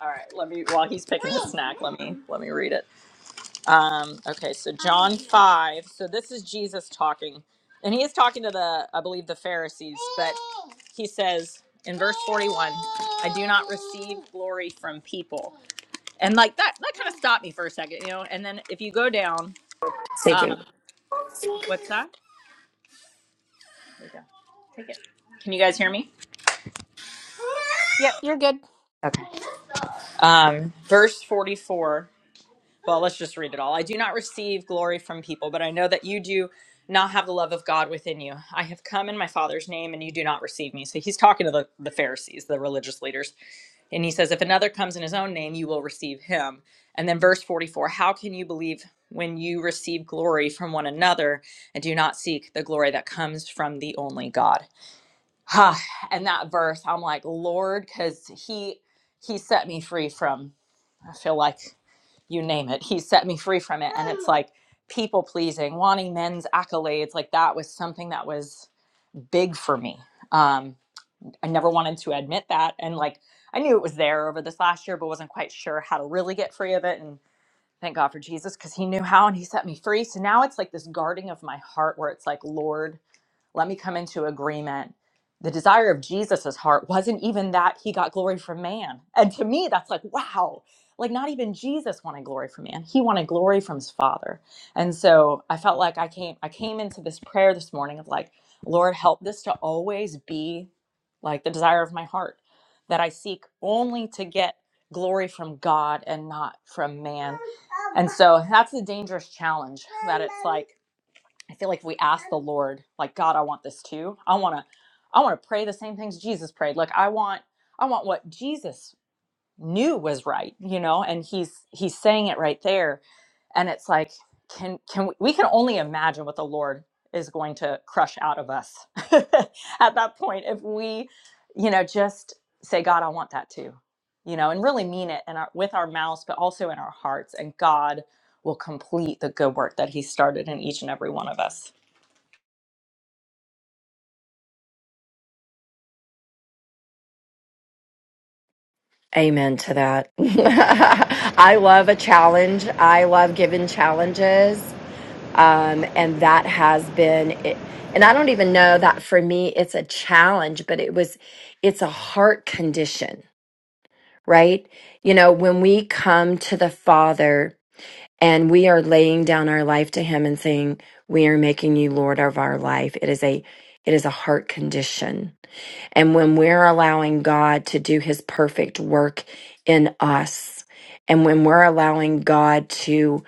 D: All right, let me while he's picking his snack, let me let me read it. Um, okay, so John five. So this is Jesus talking, and he is talking to the I believe the Pharisees, but he says in verse forty one, "I do not receive glory from people," and like that that kind of stopped me for a second, you know. And then if you go down,
B: Thank you.
D: um, what's that? There you go. Take it. Can you guys hear me?
A: Yep. You're good.
D: Okay. Um, verse 44. well, let's just read it all. I do not receive glory from people, but I know that you do not have the love of God within you. I have come in my Father's name, and you do not receive me. So he's talking to the, the Pharisees, the religious leaders. And he says, If another comes in his own name, you will receive him. And then verse 44 How can you believe when you receive glory from one another and do not seek the glory that comes from the only God? Ha! And that verse, I'm like, Lord, because he he set me free from I feel like you name it. He set me free from it. And it's like people pleasing, wanting men's accolades. Like that was something that was big for me. Um, I never wanted to admit that. And like I knew it was there over this last year, but wasn't quite sure how to really get free of it. And thank God for Jesus because he knew how and he set me free. So now it's like this guarding of my heart where it's like, Lord, let me come into agreement. The desire of Jesus's heart wasn't even that he got glory from man. And to me, that's like, wow, like not even Jesus wanted glory from man. He wanted glory from his father. And so I felt like I came, I came into this prayer this morning of like, Lord, help this to always be like the desire of my heart that I seek only to get glory from God and not from man. And so that's the dangerous challenge that it's like I feel like if we ask the Lord, like God, I want this too. I want to, I want to pray the same things Jesus prayed. Like I want, I want what Jesus knew was right, you know. And he's he's saying it right there, and it's like, can can we, we can only imagine what the Lord is going to crush out of us at that point if we, you know, just say, God, I want that too, you know, and really mean it and our, with our mouths, but also in our hearts, and God will complete the good work that He started in each and every one of us.
C: amen to that. I love a challenge, I love giving challenges. Um, and that has been it. And I don't even know that for me, it's a challenge, but it was, it's a heart condition, right? You know, when we come to the Father, And we are laying down our life to him and saying, we are making you Lord of our life. It is a, it is a heart condition. And when we're allowing God to do his perfect work in us, and when we're allowing God to,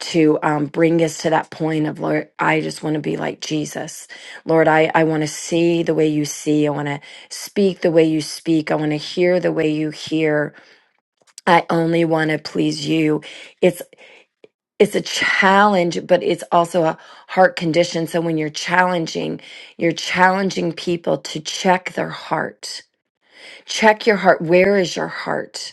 C: to um, bring us to that point of Lord, I just want to be like Jesus. Lord, I, I want to see the way you see. I want to speak the way you speak. I want to hear the way you hear. I only want to please you. It's it's a challenge, but it's also a heart condition. So when you're challenging, you're challenging people to check their heart. Check your heart. Where is your heart?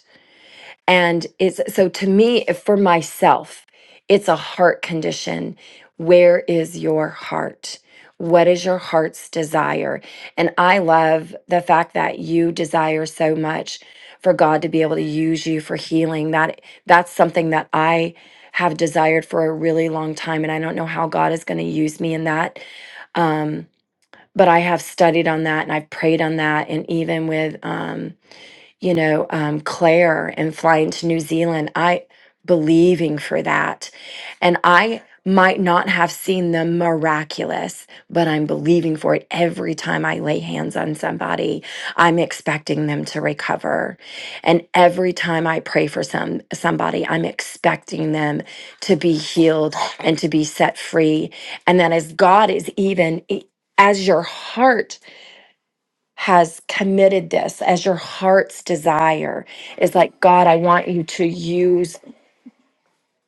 C: And it's so to me, if for myself, it's a heart condition. Where is your heart? What is your heart's desire? And I love the fact that you desire so much for God to be able to use you for healing. That that's something that I have desired for a really long time. And I don't know how God is going to use me in that. Um, but I have studied on that and I've prayed on that. And even with um, you know, um, Claire and flying to New Zealand. I believing for that. And I might not have seen the miraculous, but I'm believing for it every time I lay hands on somebody. I'm expecting them to recover. And every time I pray for some somebody, I'm expecting them to be healed and to be set free. And then as God is even e, as your heart has committed this as your heart's desire is like god i want you to use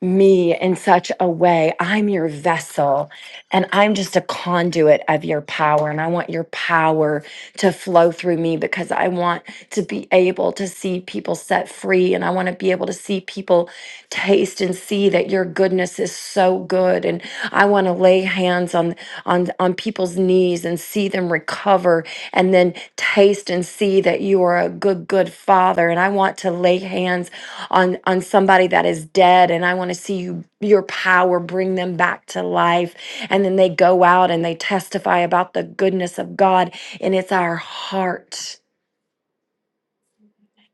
C: me in such a way. I'm your vessel and I'm just a conduit of your power. And I want your power to flow through me because I want to be able to see people set free. And I want to be able to see people taste and see that your goodness is so good. And I want to lay hands on, on, on people's knees and see them recover and then taste and see that you are a good, good father. And I want to lay hands on on somebody that is dead and i want to see you your power bring them back to life and then they go out and they testify about the goodness of god and it's our heart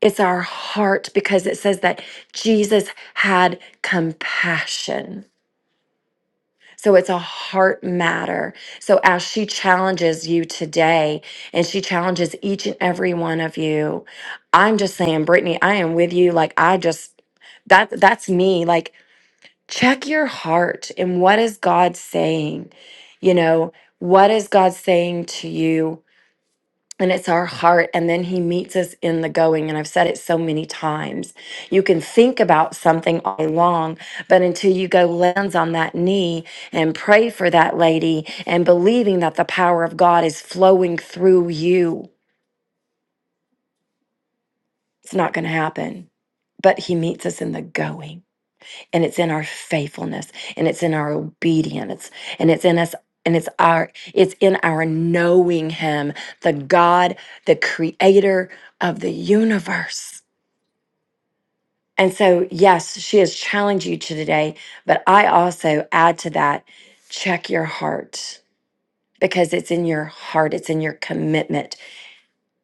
C: it's our heart because it says that jesus had compassion so it's a heart matter so as she challenges you today and she challenges each and every one of you i'm just saying brittany i am with you like i just that that's me like check your heart and what is God saying? You know, what is God saying to you? And it's our heart. And then he meets us in the going. And I've said it so many times. You can think about something all day long, but until you go lands on that knee and pray for that lady and believing that the power of God is flowing through you, it's not going to happen. But he meets us in the going. and it's in our faithfulness and it's in our obedience and it's in us and it's our it's in our knowing him the god the creator of the universe and so yes she has challenged you to today but i also add to that check your heart because it's in your heart it's in your commitment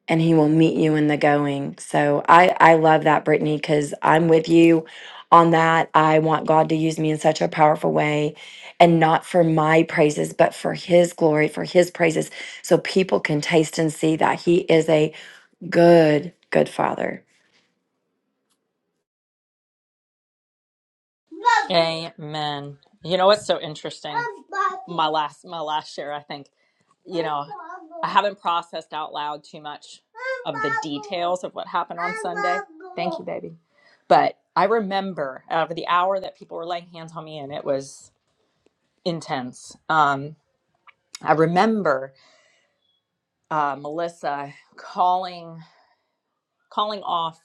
C: and he will meet you in the going. So I I love that Brittany cuz I'm with you on that. I want God to use me in such a powerful way and not for my praises but for his glory, for his praises so people can taste and see that he is a good good father.
D: Amen. You know what's so interesting? My last my last share, I think, you know, I haven't processed out loud too much of the details of what happened on Sunday. Thank you, baby. But I remember out of the hour that people were laying hands on me and it was intense. Um, I remember uh, Melissa calling calling off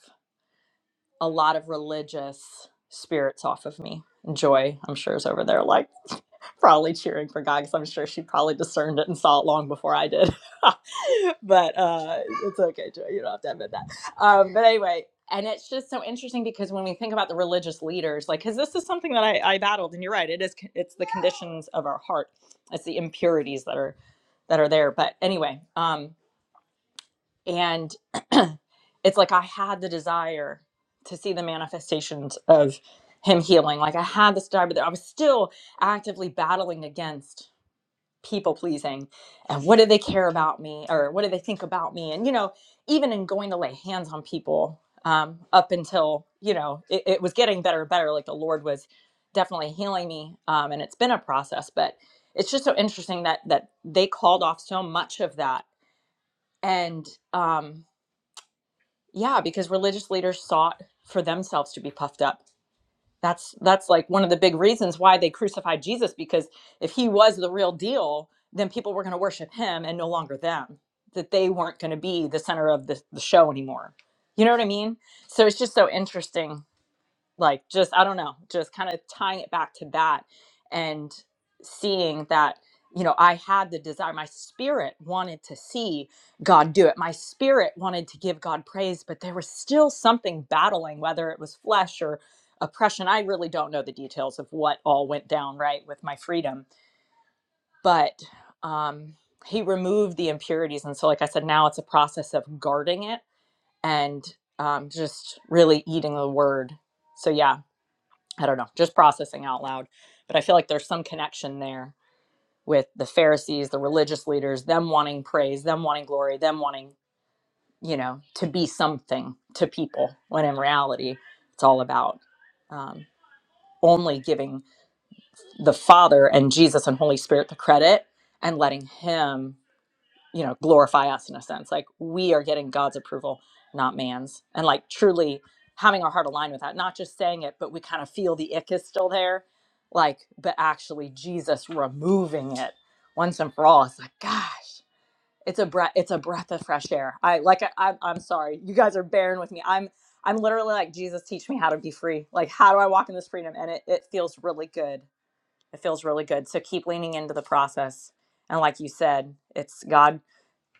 D: a lot of religious spirits off of me. Joy, I'm sure, is over there like probably cheering for God because I'm sure she probably discerned it and saw it long before I did. but uh, it's okay, Joy. You don't have to admit that. Um, but anyway, and it's just so interesting because when we think about the religious leaders, like, because this is something that I, I battled, and you're right, it is. c- It's the conditions of our heart. It's the impurities that are that are there. But anyway, um, and it's like I had the desire to see the manifestations of him healing. Like I had this desire, but I was still actively battling against people pleasing and what do they care about me or what do they think about me and you know even in going to lay hands on people um, up until you know it, it was getting better and better like the lord was definitely healing me um, and it's been a process but it's just so interesting that that they called off so much of that and um, yeah because religious leaders sought for themselves to be puffed up that's that's like one of the big reasons why they crucified Jesus because if he was the real deal, then people were going to worship him and no longer them. That they weren't going to be the center of the, the show anymore. You know what I mean? So it's just so interesting like just i don't know just kind of tying it back to that and seeing that you know i had the desire my spirit wanted to see god do it my spirit wanted to give god praise but there was still something battling whether it was flesh or oppression i really don't know the details of what all went down right with my freedom but um he removed the impurities and so like i said now it's a process of guarding it and um, just really eating the word so yeah I don't know, just processing out loud. But I feel like there's some connection there with the Pharisees, the religious leaders, them wanting praise, them wanting glory, them wanting, you know, to be something to people, when in reality, it's all about um, only giving the Father and Jesus and Holy Spirit the credit and letting Him you know glorify us in a sense like we are getting god's approval not man's and like truly having our heart aligned with that not just saying it but we kind of feel the ick is still there like but actually jesus removing it once and for all it's like gosh it's a breath it's a breath of fresh air i like I, I'm, I'm sorry you guys are bearing with me i'm i'm literally like jesus teach me how to be free like how do i walk in this freedom and it, it feels really good it feels really good so keep leaning into the process and like you said it's god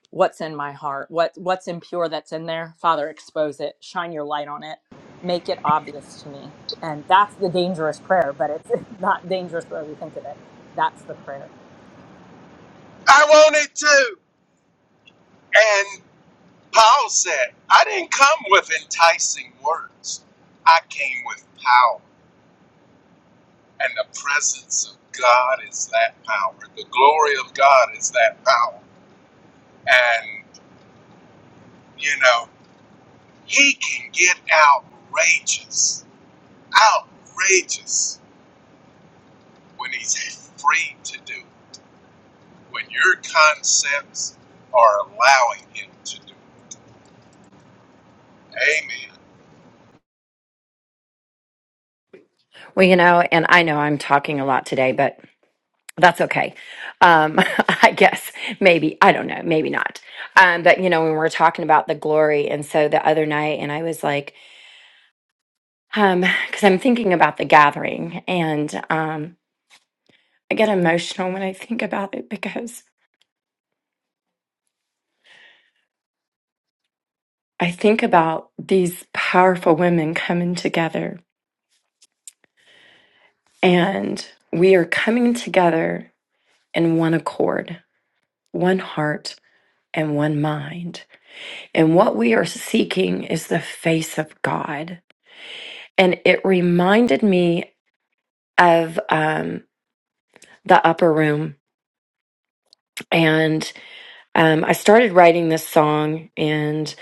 D: what's in my heart what what's impure that's in there father expose it shine your light on it make it obvious to me and that's the dangerous prayer but it's not dangerous the way we think of it that's the prayer
E: I wanted to. And Paul said, I didn't come with enticing words. I came with power. And the presence of God is that power. The glory of God is that power. And, you know, he can get outrageous. Outrageous. when he's free to do, when your concepts are allowing him to do. Amen.
C: Well, you know, and I know I'm talking a lot today, but that's okay. Um, I guess maybe I don't know, maybe not. Um, but you know, when we we're talking about the glory, and so the other night, and I was like, Um, because I'm thinking about the gathering and um I get emotional when I think about it because I think about these powerful women coming together and we are coming together in one accord, one heart and one mind. And what we are seeking is the face of God. And it reminded me of um the upper room and um, I started writing this song, and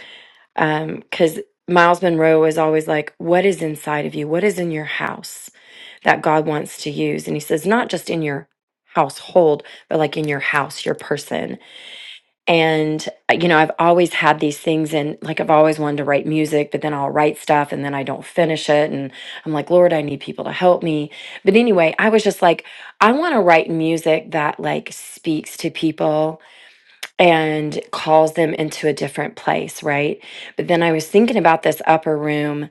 C: because Miles Monroe is always like, What is inside of you? What is in your house that God wants to use? And he says, Not just in your household, but like in your house, your person. And, uh, you know, I've always had these things, and like I've always wanted to write music, but then I'll write stuff and then I don't finish it. And I'm like, Lord, I need people to help me. But anyway, I was just like, I want to write music that like speaks to people and calls them into a different place, right? But then I was thinking about this upper room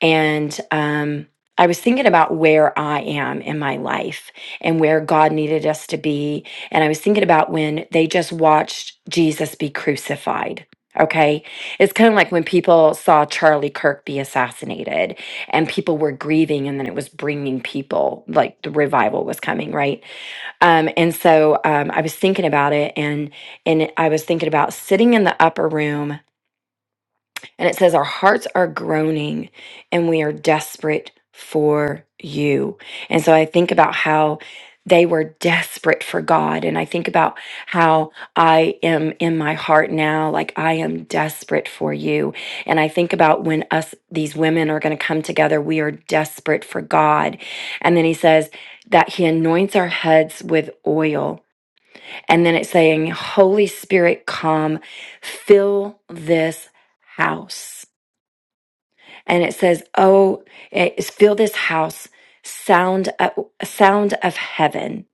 C: and um I was thinking about where I am in my life and where God needed us to be. And I was thinking about when they just watched Jesus be crucified. Okay. It's kind of like when people saw Charlie Kirk be assassinated and people were grieving, and then it was bringing people, like the revival was coming, right? Um, and so um, I was thinking about it, and and I was thinking about sitting in the upper room, and it says our hearts are groaning, and we are desperate for you. And so I think about how they were desperate for God, and I think about how I am in my heart now, like I am desperate for you. And I think about when us these women are going to come together, we are desperate for God. And then he says that he anoints our heads with oil and then it's saying, Holy Spirit, come, fill this house. And it says, Oh, it's fill this house, sound, uh, sound of heaven.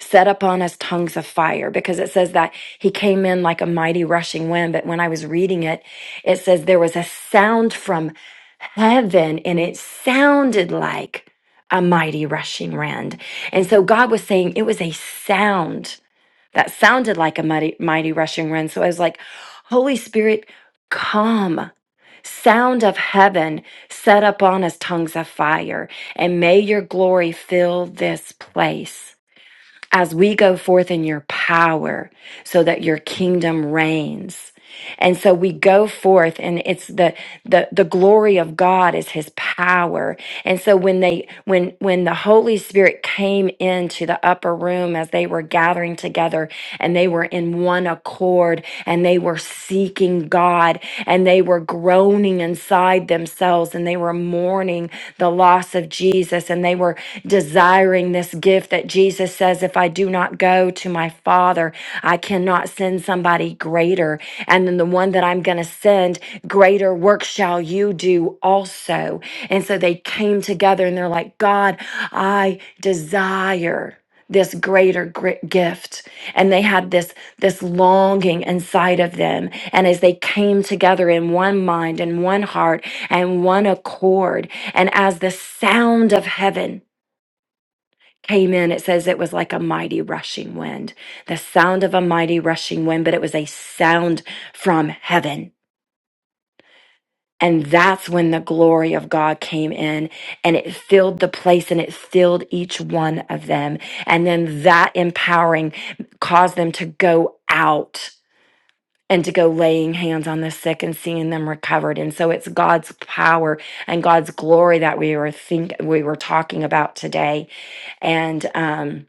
C: Set upon us tongues of fire because it says that he came in like a mighty rushing wind. But when I was reading it, it says there was a sound from heaven and it sounded like a mighty rushing wind. And so God was saying it was a sound that sounded like a mighty, mighty rushing wind. So I was like, Holy Spirit, come. Sound of heaven, set upon us tongues of fire, and may your glory fill this place as we go forth in your power so that your kingdom reigns. And so we go forth and it's the, the the glory of God is his power. And so when they when when the Holy Spirit came into the upper room as they were gathering together and they were in one accord and they were seeking God and they were growing groaning inside themselves and they were mourning the loss of Jesus and they were desiring this gift that Jesus says, If I do not go to my Father, I cannot send somebody greater. And then the one that I'm going to send, greater work shall you do also. And so they came together and they're like, God, I desire this greater gri- gift and they had this this longing inside of them and as they came together in one mind and one heart and one accord and as the sound of heaven came in it says it was like a mighty rushing wind the sound of a mighty rushing wind but it was a sound from heaven and that's when the glory of God came in and it filled the place and it filled each one of them. And then that empowering caused them to go out and to go laying hands on the sick and seeing them recovered. And so it's God's power and God's glory that we were think we were talking about today. And um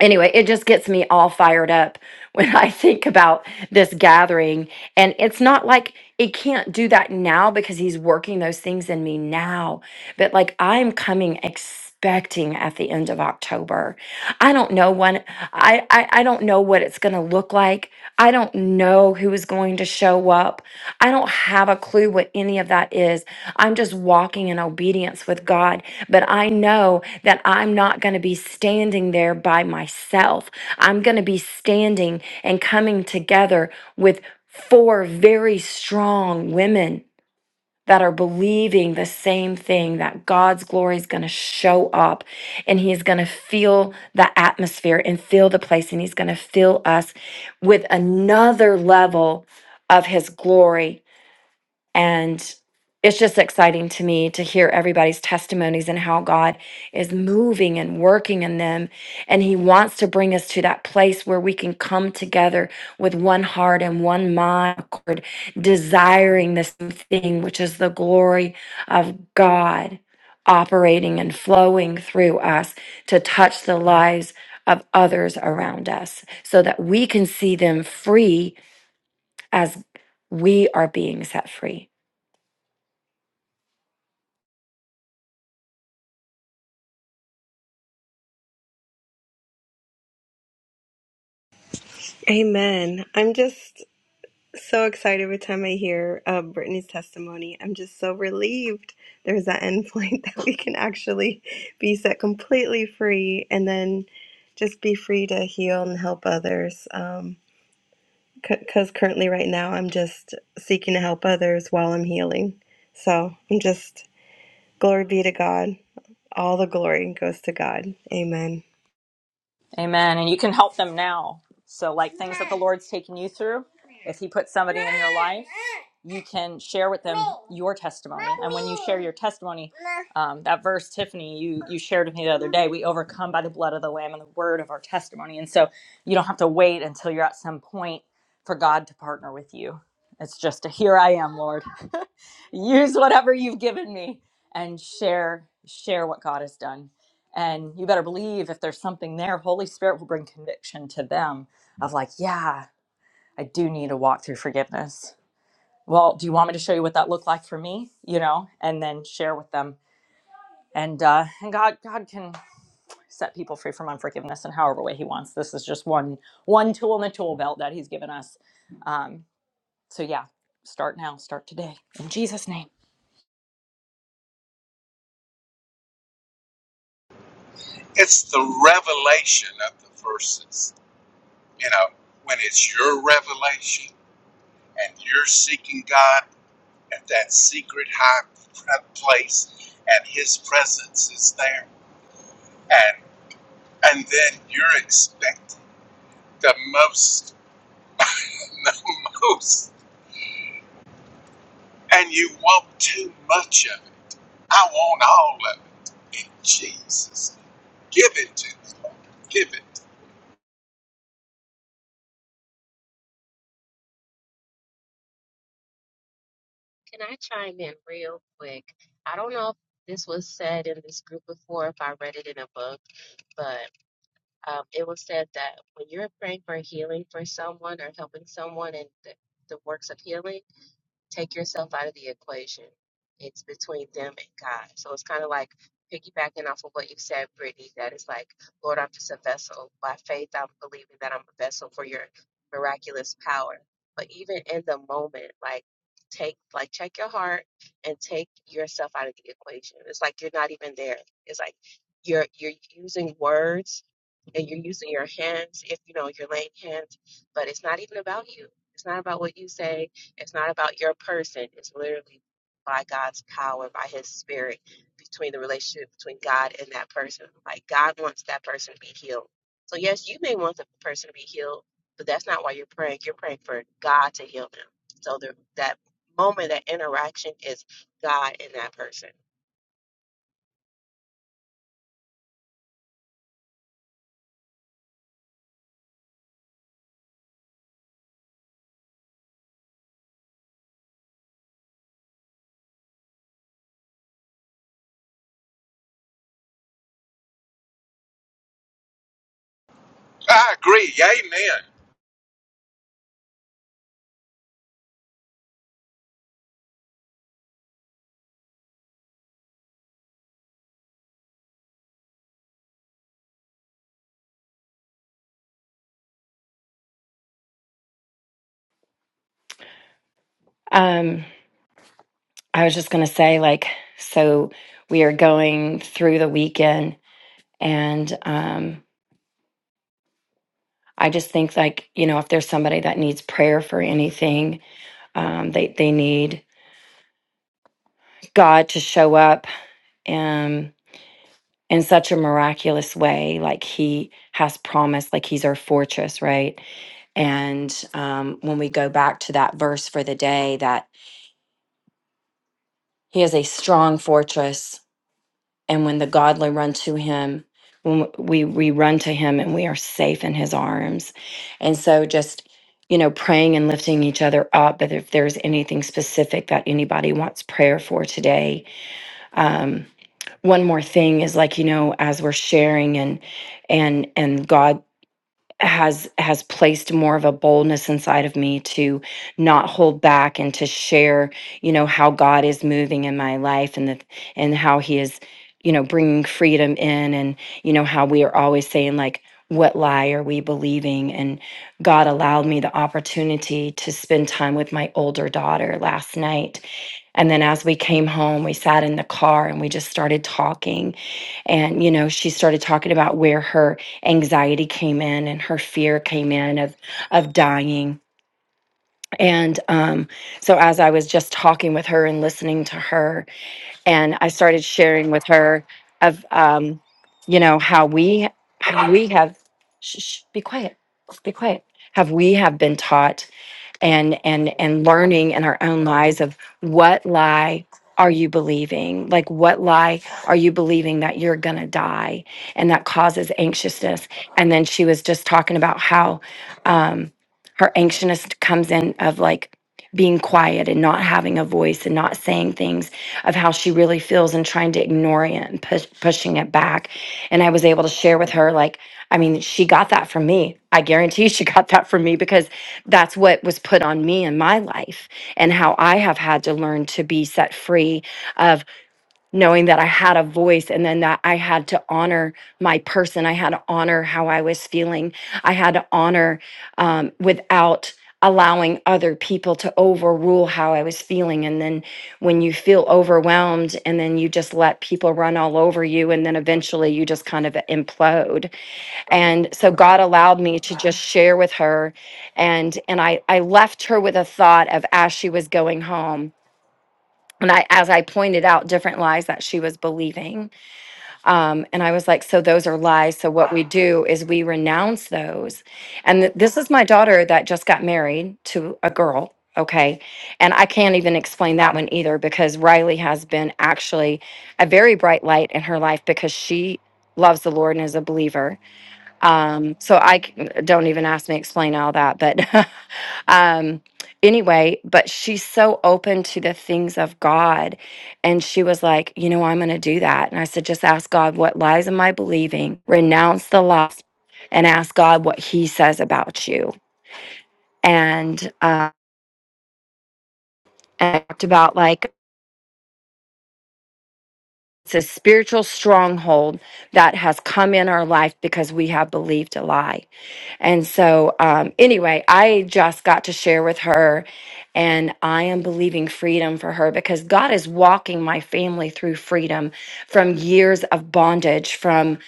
C: anyway, it just gets me all fired up when I think about this gathering. And it's not like it can't do that now because he's working those things in me now, but like I'm coming expecting at the end of October. I don't know when I I, I don't know what it's gonna look like. I don't know who is going to show up. I don't have a clue what any of that is. I'm just walking in obedience with God. But I know that I'm not going to be standing there by myself. I'm going to be standing and coming together with four very strong women that are believing the same thing that God's glory is going to show up and he is going to feel the atmosphere and fill the place and he's going to fill us with another level of his glory and it's just exciting to me to hear everybody's testimonies and how God is moving and working in them. And He wants to bring us to that place where we can come together with one heart and one mind, accord, desiring the same thing, which is the glory of God operating and flowing through us to touch the lives of others around us so that we can see them free as we are being set free.
H: Amen. I'm just so excited every time I hear uh, Brittany's testimony. I'm just so relieved there's that end point that we can actually be set completely free and then just be free to heal and help others. Um, because currently, right now, I'm just seeking to help others while I'm healing. So I'm just, glory be to God. All the glory goes to God. Amen.
D: Amen. And you can help them now. So, like things that the Lord's taken you through, if He puts somebody in your life, you can share with them your testimony. And when you share your testimony, um, that verse, Tiffany, you, you shared with me the other day, we overcome by the blood of the Lamb and the word of our testimony. And so you don't have to wait until you're at some point for God to partner with you. It's just a here I am, Lord use whatever you've given me and share share what god has done and you better believe if there's something there holy spirit will bring conviction to them of like yeah i do need to walk through forgiveness well do you want me to show you what that looked like for me you know and then share with them and uh and god god can set people free from unforgiveness in however way he wants this is just one one tool in the tool belt that he's given us um so yeah start now start today in jesus name
E: It's the revelation of the verses. You know, when it's your revelation and you're seeking God at that secret high place and his presence is there and and then you're expecting the most the most and you want too much of it. I want all of it in Jesus. name. Give it to us. Give it.
I: Can I chime in real quick? I don't know if this was said in this group before, if I read it in a book, but um, it was said that when you're praying for healing for someone or helping someone in the, the works of healing, Take yourself out of the equation. It's between them and God. So it's kind of like piggybacking off of what you said, Brittany, that it's like, Lord, I'm just a vessel. By faith, I'm believing that I'm a vessel for your miraculous power. But even in the moment, like, take, like, check your heart and take yourself out of the equation. It's like you're not even there. It's like you're, you're using words and you're using your hands if you know you're laying hands but it's not even about you it's not about what you say it's not about your person. It's literally by God's power, by His Spirit, between the relationship between God and that person. Like God wants that person to be healed. So yes, you may want the person to be healed, but that's not why you're praying. You're praying for God to heal them. So the, that moment, that interaction is God and that person.
E: I agree. Amen.
C: Um, I was just going to say, like, so we are going through the weekend, and um, I just think, like, you know, if there's somebody that needs prayer for anything, um, they they need God to show up um, in such a miraculous way, like He has promised, like He's our fortress, right? And um, when we go back to that verse for the day, that He is a strong fortress and when the godly run to him when we we run to him and we are safe in his arms and so just you know praying and lifting each other up but if there's anything specific that anybody wants prayer for today um one more thing is like you know as we're sharing and and and god has has placed more of a boldness inside of me to not hold back and to share you know how god is moving in my life and the and how he is you know bringing freedom in and you know how we are always saying like what lie are we believing and god allowed me the opportunity to spend time with my older daughter last night and then as we came home, we sat in the car and we just started talking. And, you know, she started talking about where her anxiety came in and her fear came in of, of dying. And um, so as I was just talking with her and listening to her, and I started sharing with her of, um, you know, how we, how we have, shh, shh, be quiet, be quiet, have we have been taught and and and learning in our own lives of what lie are you believing like what lie are you believing that you're going to die and that causes anxiousness and then she was just talking about how um her anxiousness comes in of like being quiet and not having a voice and not saying things of how she really feels and trying to ignore it and push, pushing it back and i was able to share with her like I mean, she got that from me. I guarantee she got that from me because that's what was put on me in my life and how I have had to learn to be set free of knowing that I had a voice and then that I had to honor my person. I had to honor how I was feeling. I had to honor um, without allowing other people to overrule how I was feeling. And then when you feel overwhelmed and then you just let people run all over you, and then eventually you just kind of implode and so god allowed me to just share with her and and i i left her with a thought of as she was going home and I, as I pointed out different lies that she was believing, um, and I was like, so those are lies. So what we do is we renounce those. And th- this is my daughter that just got married to a girl. Okay. And I can't even explain that one either because Riley has been actually a very bright light in her life because she loves the Lord and is a believer um, so I c- don't even ask me to explain all that, but um, anyway, but she's so open to the things of God, and she was like, you know, I'm going to do that, and I said, just ask God what lies am I believing, renounce the lies, and ask God what He says about you, and uh, and I talked about like it's a spiritual stronghold that has come in our life because we have believed a lie And so, um, anyway, I just got to share with her, and I am believing freedom for her because God is walking my family through freedom from years of bondage, from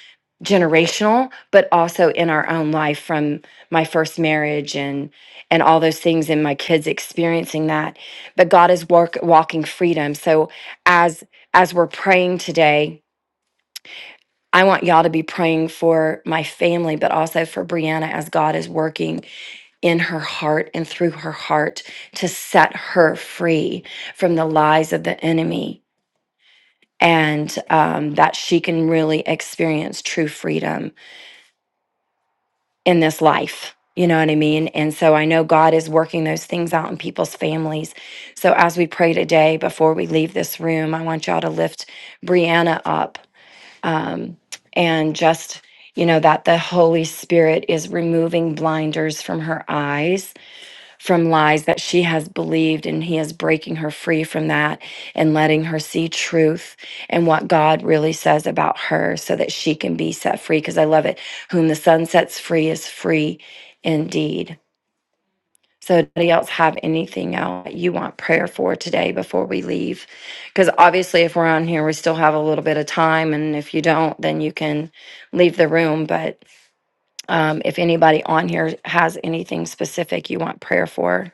C: generational, but also in our own life from my first marriage and and all those things, and my kids experiencing that. But God is work, walking freedom. So as as we're praying today. I want y'all to be praying for my family, but also for Brianna as God is working in her heart and through her heart to set her free from the lies of the enemy and um, that she can really experience true freedom in this life. You know what I mean? And so I know God is working those things out in people's families. So as we pray today, before we leave this room, I want y'all to lift Brianna up um, and just, you know, that the Holy Spirit is removing blinders from her eyes from lies that she has believed, and He is breaking her free from that and letting her see truth and what God really says about her so that she can be set free. Because I love it. Whom the Son sets free is free indeed. So, anybody else have anything else you want prayer for today before we leave? Because obviously, if we're on here, we still have a little bit of time. And if you don't, then you can leave the room. But um, if anybody on here has anything specific you want prayer for,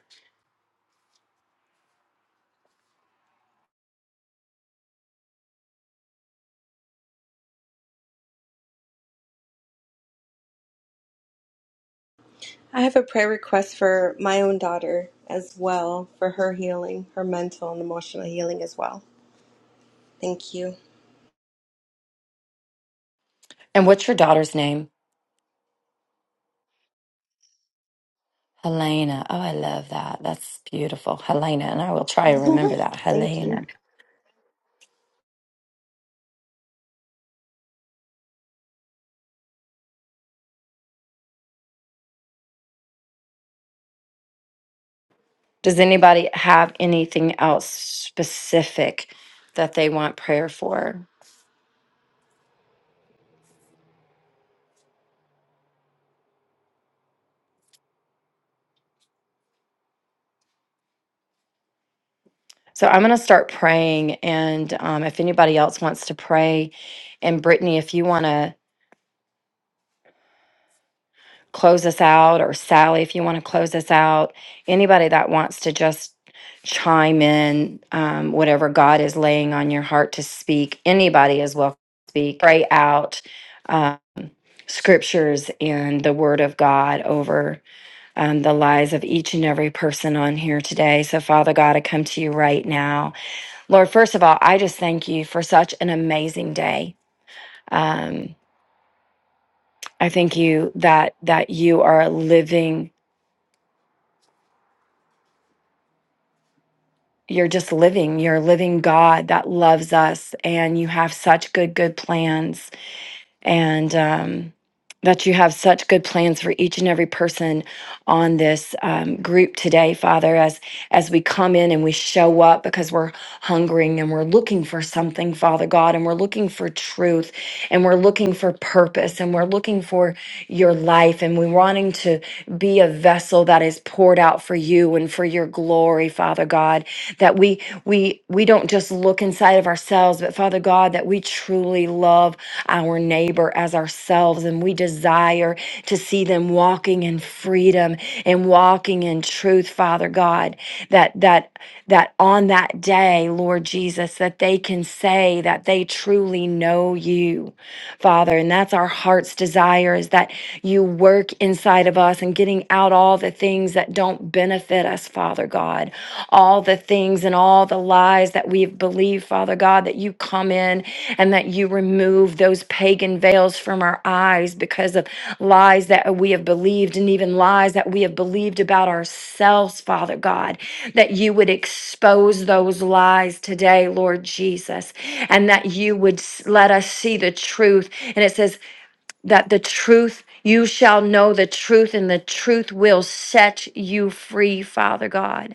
H: I have a prayer request for my own daughter as well, for her healing, her mental and emotional healing as well. Thank you.
C: And what's your daughter's name? Helena. Oh, I love that. That's beautiful. Helena. And I will try to remember that.
H: Thank you.
C: Helena. Does anybody have anything else specific that they want prayer for? So I'm going to start praying. And um, if anybody else wants to pray, and Brittany, if you want to. close us out, or Sally, if you want to close us out, anybody that wants to just chime in, um, whatever God is laying on your heart to speak, anybody is welcome to speak. Pray out uh, scriptures and the word of God over um, the lives of each and every person on here today. So, Father God, I come to you right now. Lord, first of all, I just thank you for such an amazing day. Um, I thank you that that you are a living you're just living you're a living god that loves us and you have such good good plans and um, that you have such good plans for each and every person on this um, group today father as as we come in and we show up because we're hungering and we're looking for something father god and we're looking for truth and we're looking for purpose and we're looking for your life and we're wanting to be a vessel that is poured out for you and for your glory father god that we we we don't just look inside of ourselves but father god that we truly love our neighbor as ourselves and we desire to see them walking in freedom and walking in truth father god that that that on that day lord jesus that they can say that they truly know you Father. And that's our heart's desire is that you work inside of us and getting out all the things that don't benefit us, Father God. All the things and all the lies that we've believed, Father God, that you come in and that you remove those pagan veils from our eyes because of lies that we have believed and even lies that we have believed about ourselves, Father God, that you would expose those lies today, Lord Jesus, and that you would s- let us see the truth. And it says that the truth, you shall know the truth, and the truth will set you free, Father God.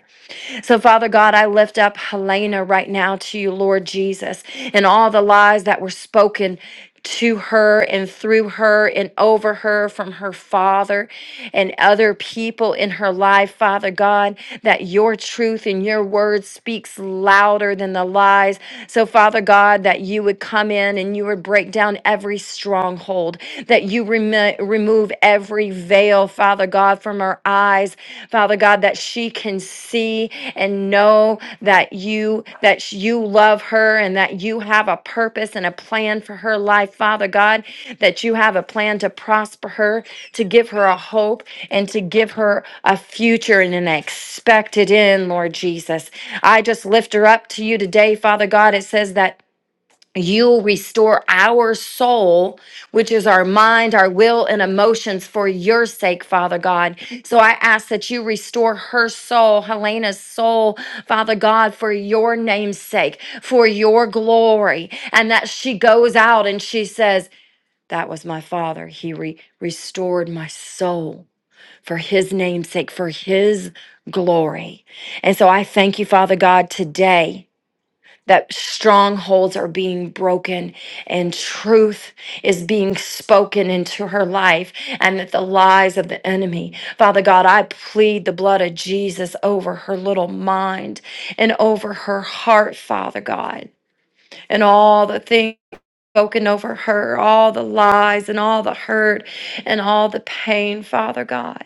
C: So, Father God, I lift up Helena right now to you, Lord Jesus, and all the lies that were spoken to her and through her and over her from her father and other people in her life, Father God, that your truth and your word speaks louder than the lies. So, Father God, that you would come in and you would break down every stronghold, that you remo- remove remove every veil, Father God, from her eyes, Father God, that she can see and know that you that you love her and that you have a purpose and a plan for her life, Father God, that you have a plan to prosper her, to give her a hope and to give her a future and an expected end, Lord Jesus. I just lift her up to you today, Father God. It says that You'll restore our soul, which is our mind, our will, and emotions for your sake, Father God. So I ask that you restore her soul, Helena's soul, Father God, for your name's sake, for your glory, and that she goes out and she says, That was my father. He re- restored my soul for his name's sake, for his glory. And so I thank you, Father God, today that strongholds are being broken and truth is being spoken into her life and that the lies of the enemy. Father God, I plead the blood of Jesus over her little mind and over her heart, Father God, and all the things. Spoken over her, all the lies and all the hurt and all the pain, Father God.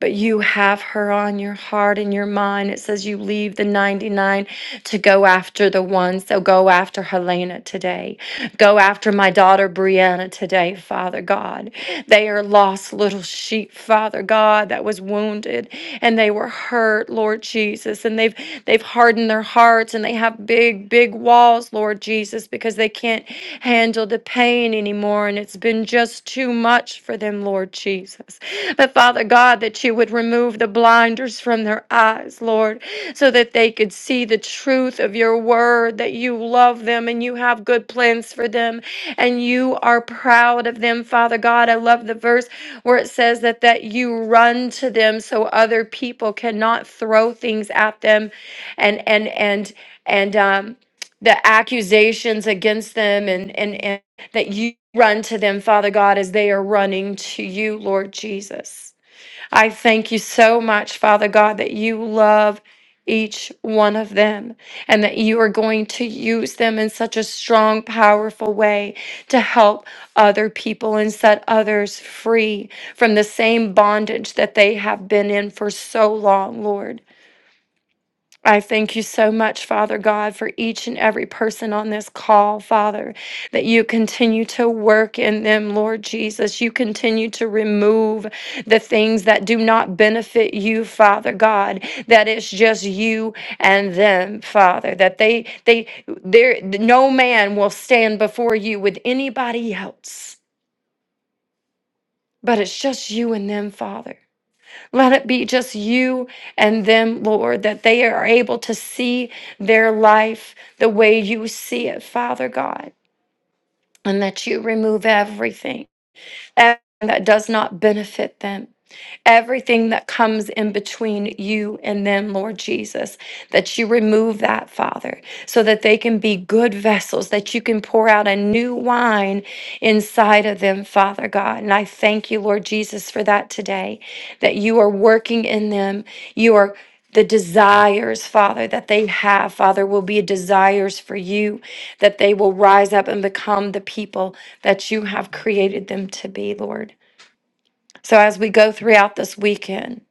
C: But you have her on your heart and your mind. It says you leave the 99 to go after the ones. So go after Helena today. Go after my daughter Brianna today, Father God. They are lost little sheep, Father God, that was wounded and they were hurt, Lord Jesus. And they've they've hardened their hearts and they have big, big walls, Lord Jesus, because they can't handle the pain anymore. And it's been just too much for them, Lord Jesus. But Father God, that you would remove the blinders from their eyes, Lord so that they could see the truth of your word, that you love them and you have good plans for them and you are proud of them, Father God. I love the verse where it says that that you run to them so other people cannot throw things at them and and and and um the accusations against them and and, and that you run to them, Father God, as they are running to you, Lord Jesus. I thank you so much, Father God, that you love each one of them and that you are going to use them in such a strong, powerful way to help other people and set others free from the same bondage that they have been in for so long, Lord. I thank you so much, Father God, for each and every person on this call, Father, that you continue to work in them, Lord Jesus. You continue to remove the things that do not benefit you, Father God, that it's just you and them, Father, that they, they, there, no man will stand before you with anybody else, but it's just you and them, Father. Let it be just you and them, Lord, that they are able to see their life the way you see it, Father God, and that you remove everything, everything that does not benefit them everything that comes in between you and them, Lord Jesus, that you remove that, Father, so that they can be good vessels, that you can pour out a new wine inside of them, Father God. And I thank you, Lord Jesus, for that today, that you are working in them. You are the desires, Father, that they have, Father, will be desires for you, that they will rise up and become the people that you have created them to be, Lord. So as we go throughout this weekend,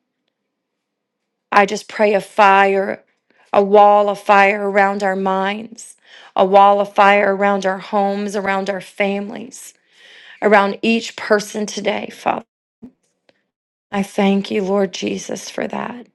C: I just pray a fire, a wall of fire around our minds, a wall of fire around our homes, around our families, around each person today, Father. I thank you, Lord Jesus, for that.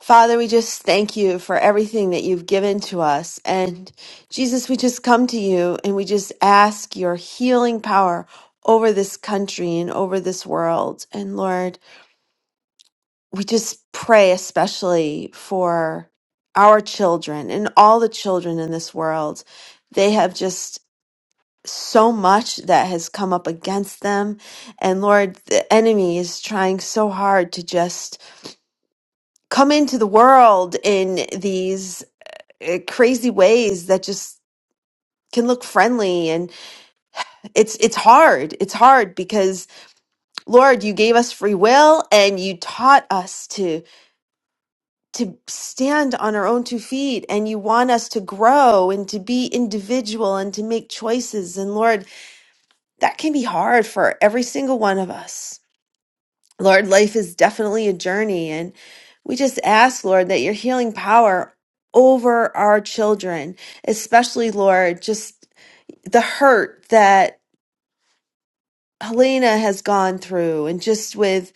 G: Father, we just thank you for everything that you've given to us. And Jesus, we just come to you and we just ask your healing power over this country and over this world. And Lord, we just pray especially for our children and all the children in this world. They have just so much that has come up against them. And Lord, the enemy is trying so hard to just come into the world in these uh, crazy ways that just can look friendly and it's it's hard it's hard because lord you gave us free will and you taught us to to stand on our own two feet and you want us to grow and to be individual and to make choices and lord that can be hard for every single one of us lord life is definitely a journey and we just ask lord that your healing power over our children especially lord just the hurt that Helena has gone through and just with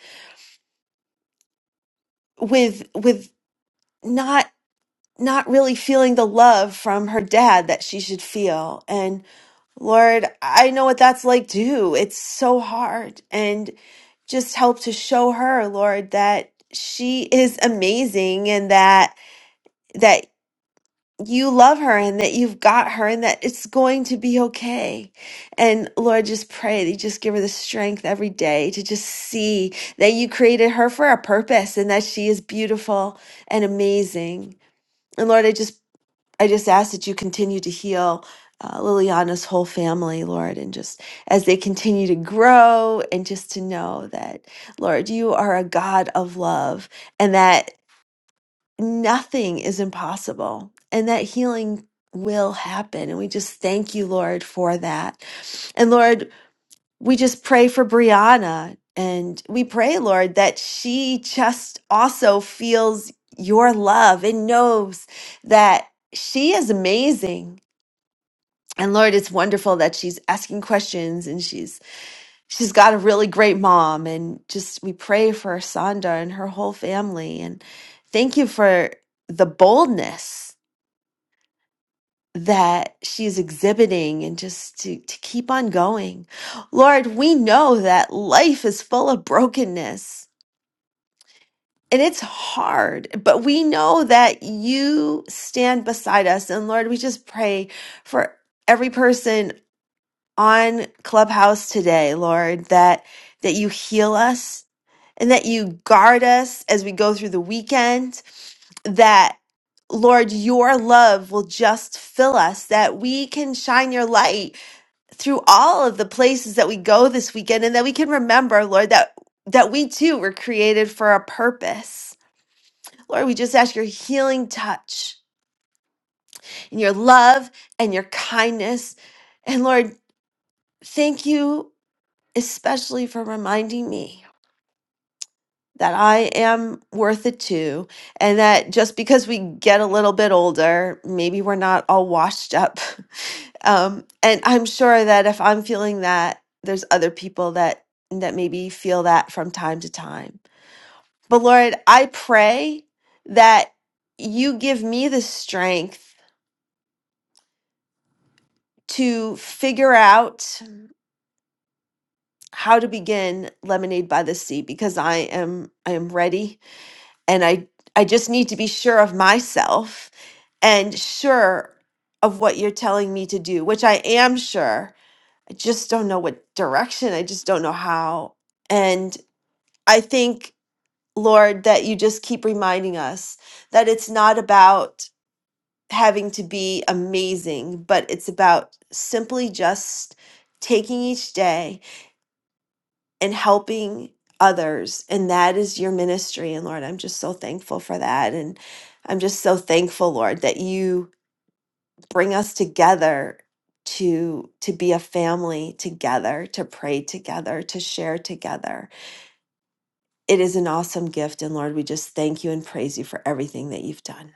G: with with not not really feeling the love from her dad that she should feel and lord i know what that's like too it's so hard and just help to show her lord that she is amazing and that that. you love her and that you've got her and that it's going to be okay. And Lord, just pray that you just give her the strength every day to just see that you created her for a purpose and that she is beautiful and amazing. And Lord, I just I just ask that you continue to heal uh, Liliana's whole family, Lord, and just as they continue to grow and just to know that, Lord, you are a God of love and that nothing is impossible and that healing will happen. And we just thank you, Lord, for that. And Lord, we just pray for Brianna and we pray, Lord, that she just also feels your love and knows that she is amazing. And Lord, it's wonderful that she's asking questions and she's she's got a really great mom and just we pray for Sonda and her whole family and thank you for the boldness that she's exhibiting and just to, to keep on going. Lord, we know that life is full of brokenness and it's hard, but we know that you stand beside us. And Lord, we just pray for every person on Clubhouse today, Lord, that that you heal us and that you guard us as we go through the weekend, that Lord, your love will just fill us, that we can shine your light through all of the places that we go this weekend, and that we can remember, Lord, that, that we too were created for a purpose. Lord, we just ask your healing touch and your love and your kindness. And Lord, thank you especially for reminding me that I am worth it too, and that just because we get a little bit older, maybe we're not all washed up. Um, and I'm sure that if I'm feeling that, there's other people that that maybe feel that from time to time. But Lord, I pray that you give me the strength to figure out how to begin lemonade by the sea because I am I am ready and I I just need to be sure of myself and sure of what you're telling me to do, which I am sure. I just don't know what direction. I just don't know how. And I think Lord that you just keep reminding us that it's not about having to be amazing, but it's about simply just taking each day and helping others and that is your ministry and lord i'm just so thankful for that and i'm just so thankful lord that you bring us together to to be a family together to pray together to share together it is an awesome gift and lord we just thank you and praise you for everything that you've done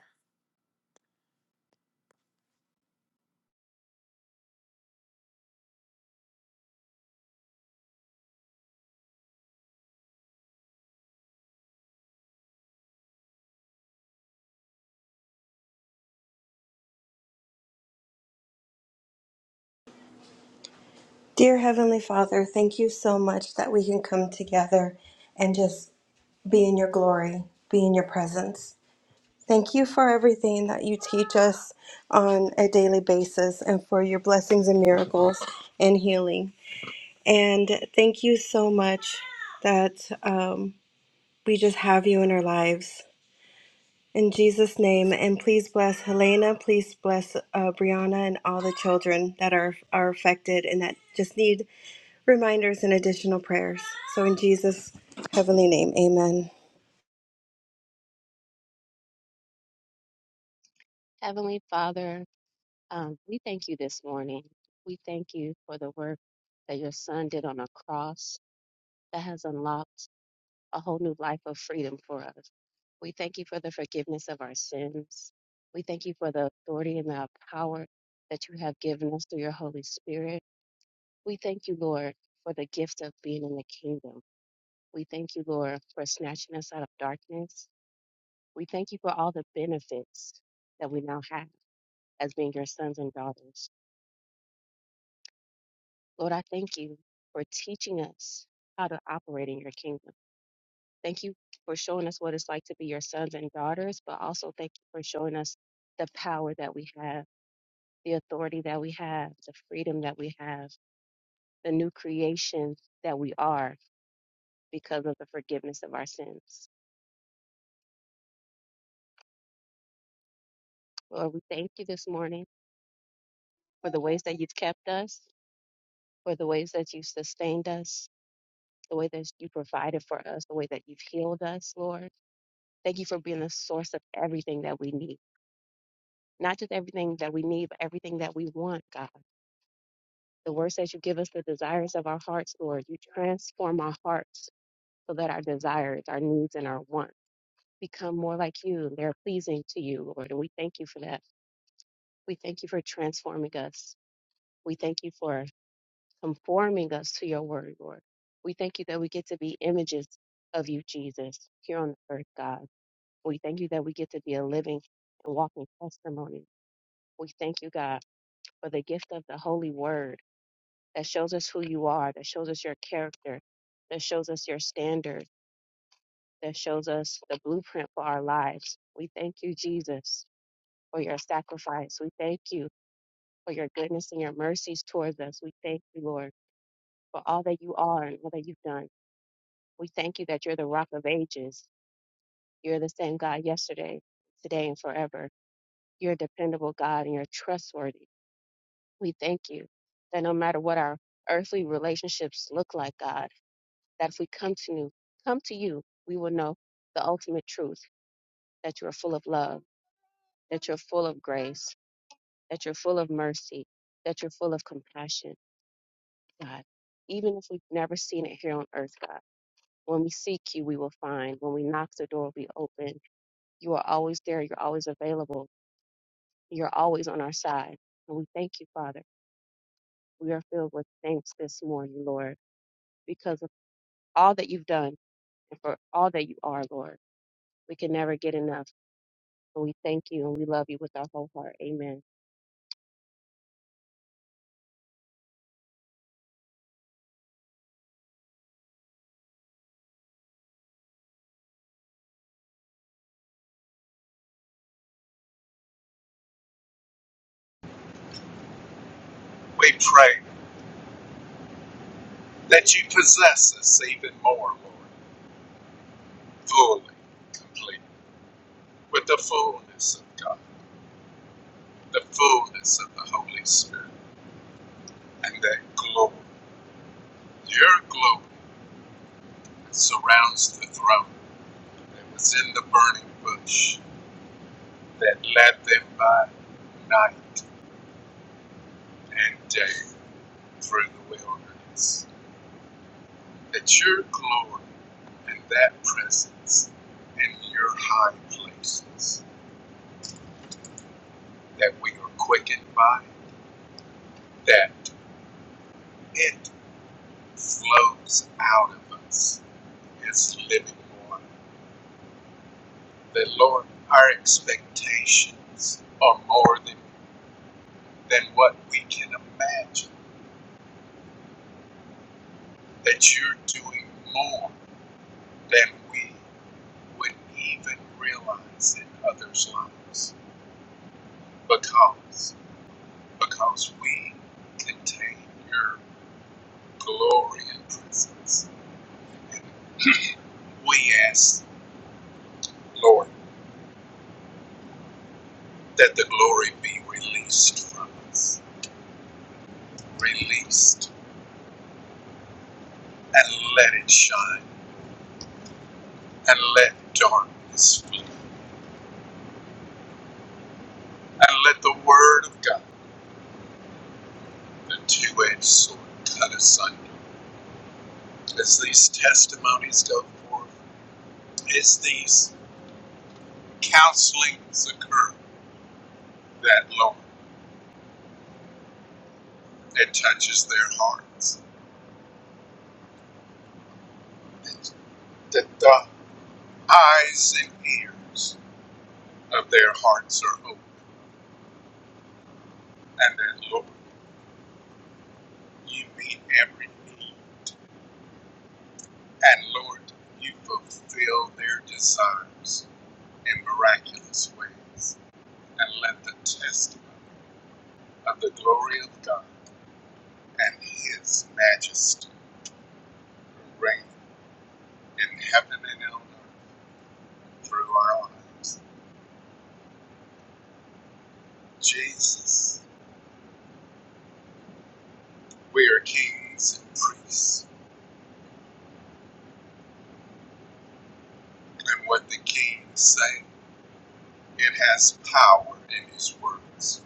H: Dear Heavenly Father, thank you so much that we can come together and just be in your glory, be in your presence. Thank you for everything that you teach us on a daily basis and for your blessings and miracles and healing. And thank you so much that um, we just have you in our lives In Jesus' name, and please bless Helena, please bless uh, Brianna, and all the children that are, are affected and that just need reminders and additional prayers. So, in Jesus' heavenly name, amen.
I: Heavenly Father, um, we thank you this morning. We thank you for the work that your son did on a cross that has unlocked a whole new life of freedom for us. We thank you for the forgiveness of our sins. We thank you for the authority and the power that you have given us through your Holy Spirit. We thank you, Lord, for the gift of being in the kingdom. We thank you, Lord, for snatching us out of darkness. We thank you for all the benefits that we now have as being your sons and daughters. Lord, I thank you for teaching us how to operate in your kingdom. Thank you for showing us what it's like to be your sons and daughters, but also thank you for showing us the power that we have the authority that we have, the freedom that we have, the new creation that we are because of the forgiveness of our sins. Lord, we thank you this morning for the ways that you've kept us, for the ways that you've sustained us, the way that you provided for us, the way that you've healed us, Lord. Thank you for being the source of everything that we need. Not just everything that we need, but everything that we want, God. The word says you give us the desires of our hearts, Lord. You transform our hearts so that our desires, our needs, and our wants become more like you. They're pleasing to you, Lord. And we thank you for that. We thank you for transforming us. We thank you for conforming us to your word, Lord. We thank you that we get to be images of you, Jesus, here on the earth, God. We thank you that we get to be a living and walking testimony. We thank you, God, for the gift of the Holy Word that shows us who you are, that shows us your character, that shows us your standard, that shows us the blueprint for our lives. We thank you, Jesus. for your sacrifice. We thank you for your goodness and your mercies towards us. We thank you, Lord, for all that you are and all that you've done. We thank you that you're the rock of ages. You're the same God yesterday, today, and forever. You're a dependable God and you're trustworthy. We thank you that no matter what our earthly relationships look like, God, that if we come to you, come to you, we will know the ultimate truth that you are full of love, that you're full of grace, that you're full of mercy, that you're full of compassion God. Even if we've never seen it here on earth, God, when we seek you, we will find. When we knock, the door will be open. You are always there. You're always available. You're always on our side. And we thank you, Father. We are filled with thanks this morning, Lord, because of all that you've done and for all that you are, Lord. We can never get enough. And we thank you and we love you with our whole heart. Amen.
E: We pray that you possess us even more, Lord, fully, complete, with the fullness of God, the fullness of the Holy Spirit, and that glory, your glory, that surrounds the throne that was in the burning bush that led them by night and day through the wilderness. That your glory and that presence in your high places that we are quickened by, that it flows out of us as living water. That, Lord, our expectations are more than, than what we can imagine, that you're doing more than we would even realize in others' lives because, because we contain your glory and presence. We ask, Lord, that the glory be released from us. Released. And let it shine. And let darkness flee. And let the word of God, the two edged sword, cut asunder. As these testimonies go forth, as these counselings occur, that Lord, it touches their hearts. That the eyes and ears of their hearts are open. And that, Lord, you meet every need. And Lord, you fulfill their desires in miraculous ways, and let the testimony of the glory of God and His majesty reign in heaven and on earth through our lives. Jesus, we are kings and priests, and what the kings say, it has power in His words.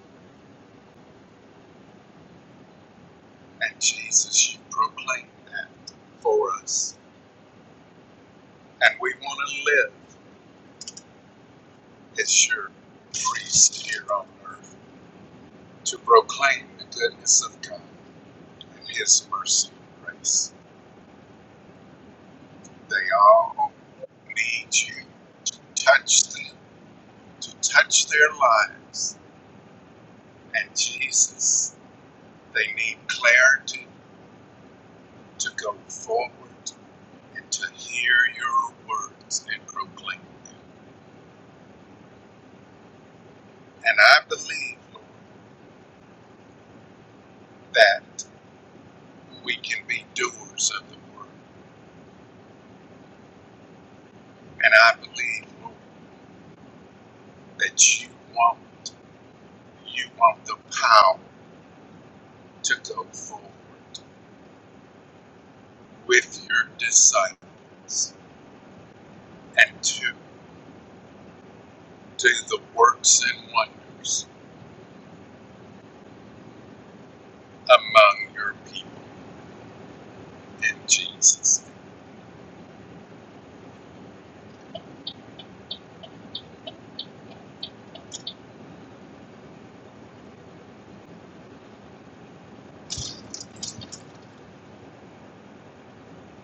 E: And Jesus, you proclaim that for us, and we want to live as your priest here on earth to proclaim the goodness of God and His mercy and grace. They all need you. to Touch them to touch their lives. And Jesus, they need clarity to go forward and to hear your words and proclaim. And I believe, Lord, that we can be doers of the word. And I believe, Lord, that you want You want the power to go forward with your disciples and to do the works and wonders among your people in Jesus. name.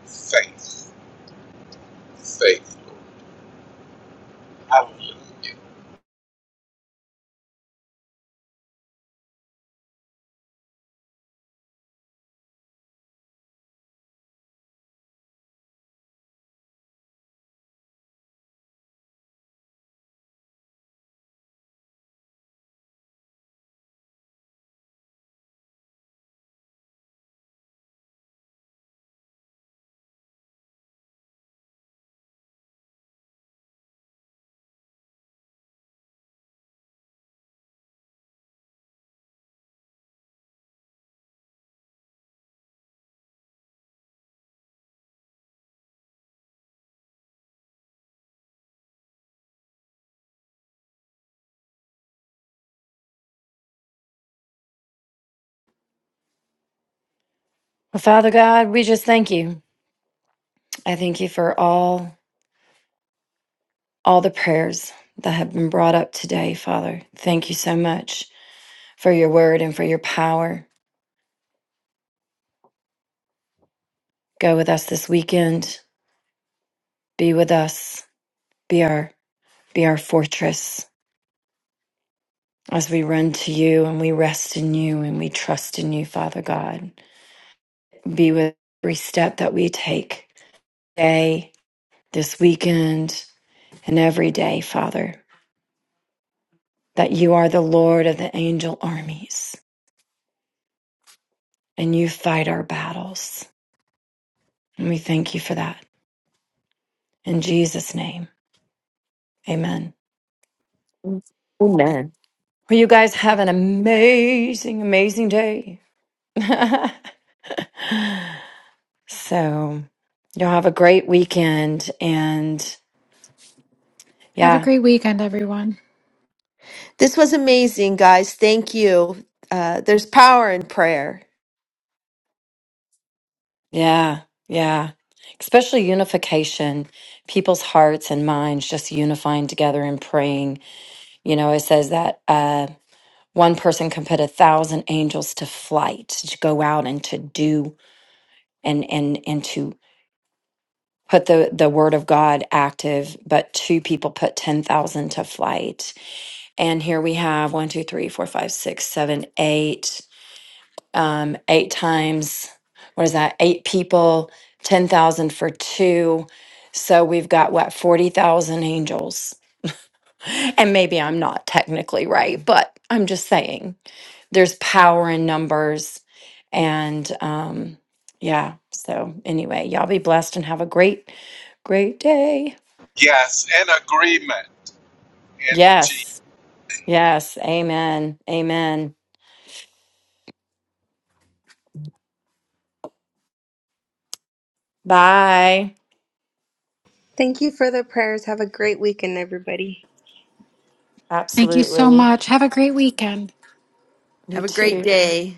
E: Faith, faithful. Hallelujah.
C: Well, Father God, we just thank you. I thank you for all all the prayers that have been brought up today, Father. Thank you so much for your word and for your power. Go with us this weekend. Be with us. Be our Be our fortress as we run to you and we rest in you and we trust in you, Father God. Be with every step that we take today, this weekend, and every day, Father, that you are the Lord of the angel armies and you fight our battles. And we thank you for that. In Jesus' name, amen.
G: amen
C: Well, you guys have an amazing, amazing day. so, you'll have a great weekend. And
J: Have a
C: yeah,
J: great weekend, everyone.
G: this was amazing guys thank you uh, there's power in prayer
C: Yeah, yeah. Especially unification, people's hearts and minds just unifying together and praying. You know, it says that uh, one person can put a thousand angels to flight to go out and to do and and and to put the the word of God active, but two people put ten thousand to flight. And here we have one, two, three, four, five, six, seven, eight. um, eight times. What is that? Eight people, 10,000 for two. So we've got what, 40,000 angels. And maybe I'm not technically right, but I'm just saying there's power in numbers. And um, yeah, so anyway, y'all be blessed and have a great, great day.
E: Yes, and agreement in Jesus.
C: Yes, yes. Amen. Amen. Bye.
H: Thank you for the prayers. Have a great weekend, everybody.
J: Thank you so
C: Absolutely.
J: much. Have a great weekend.
C: You
G: have a great
C: too.
G: day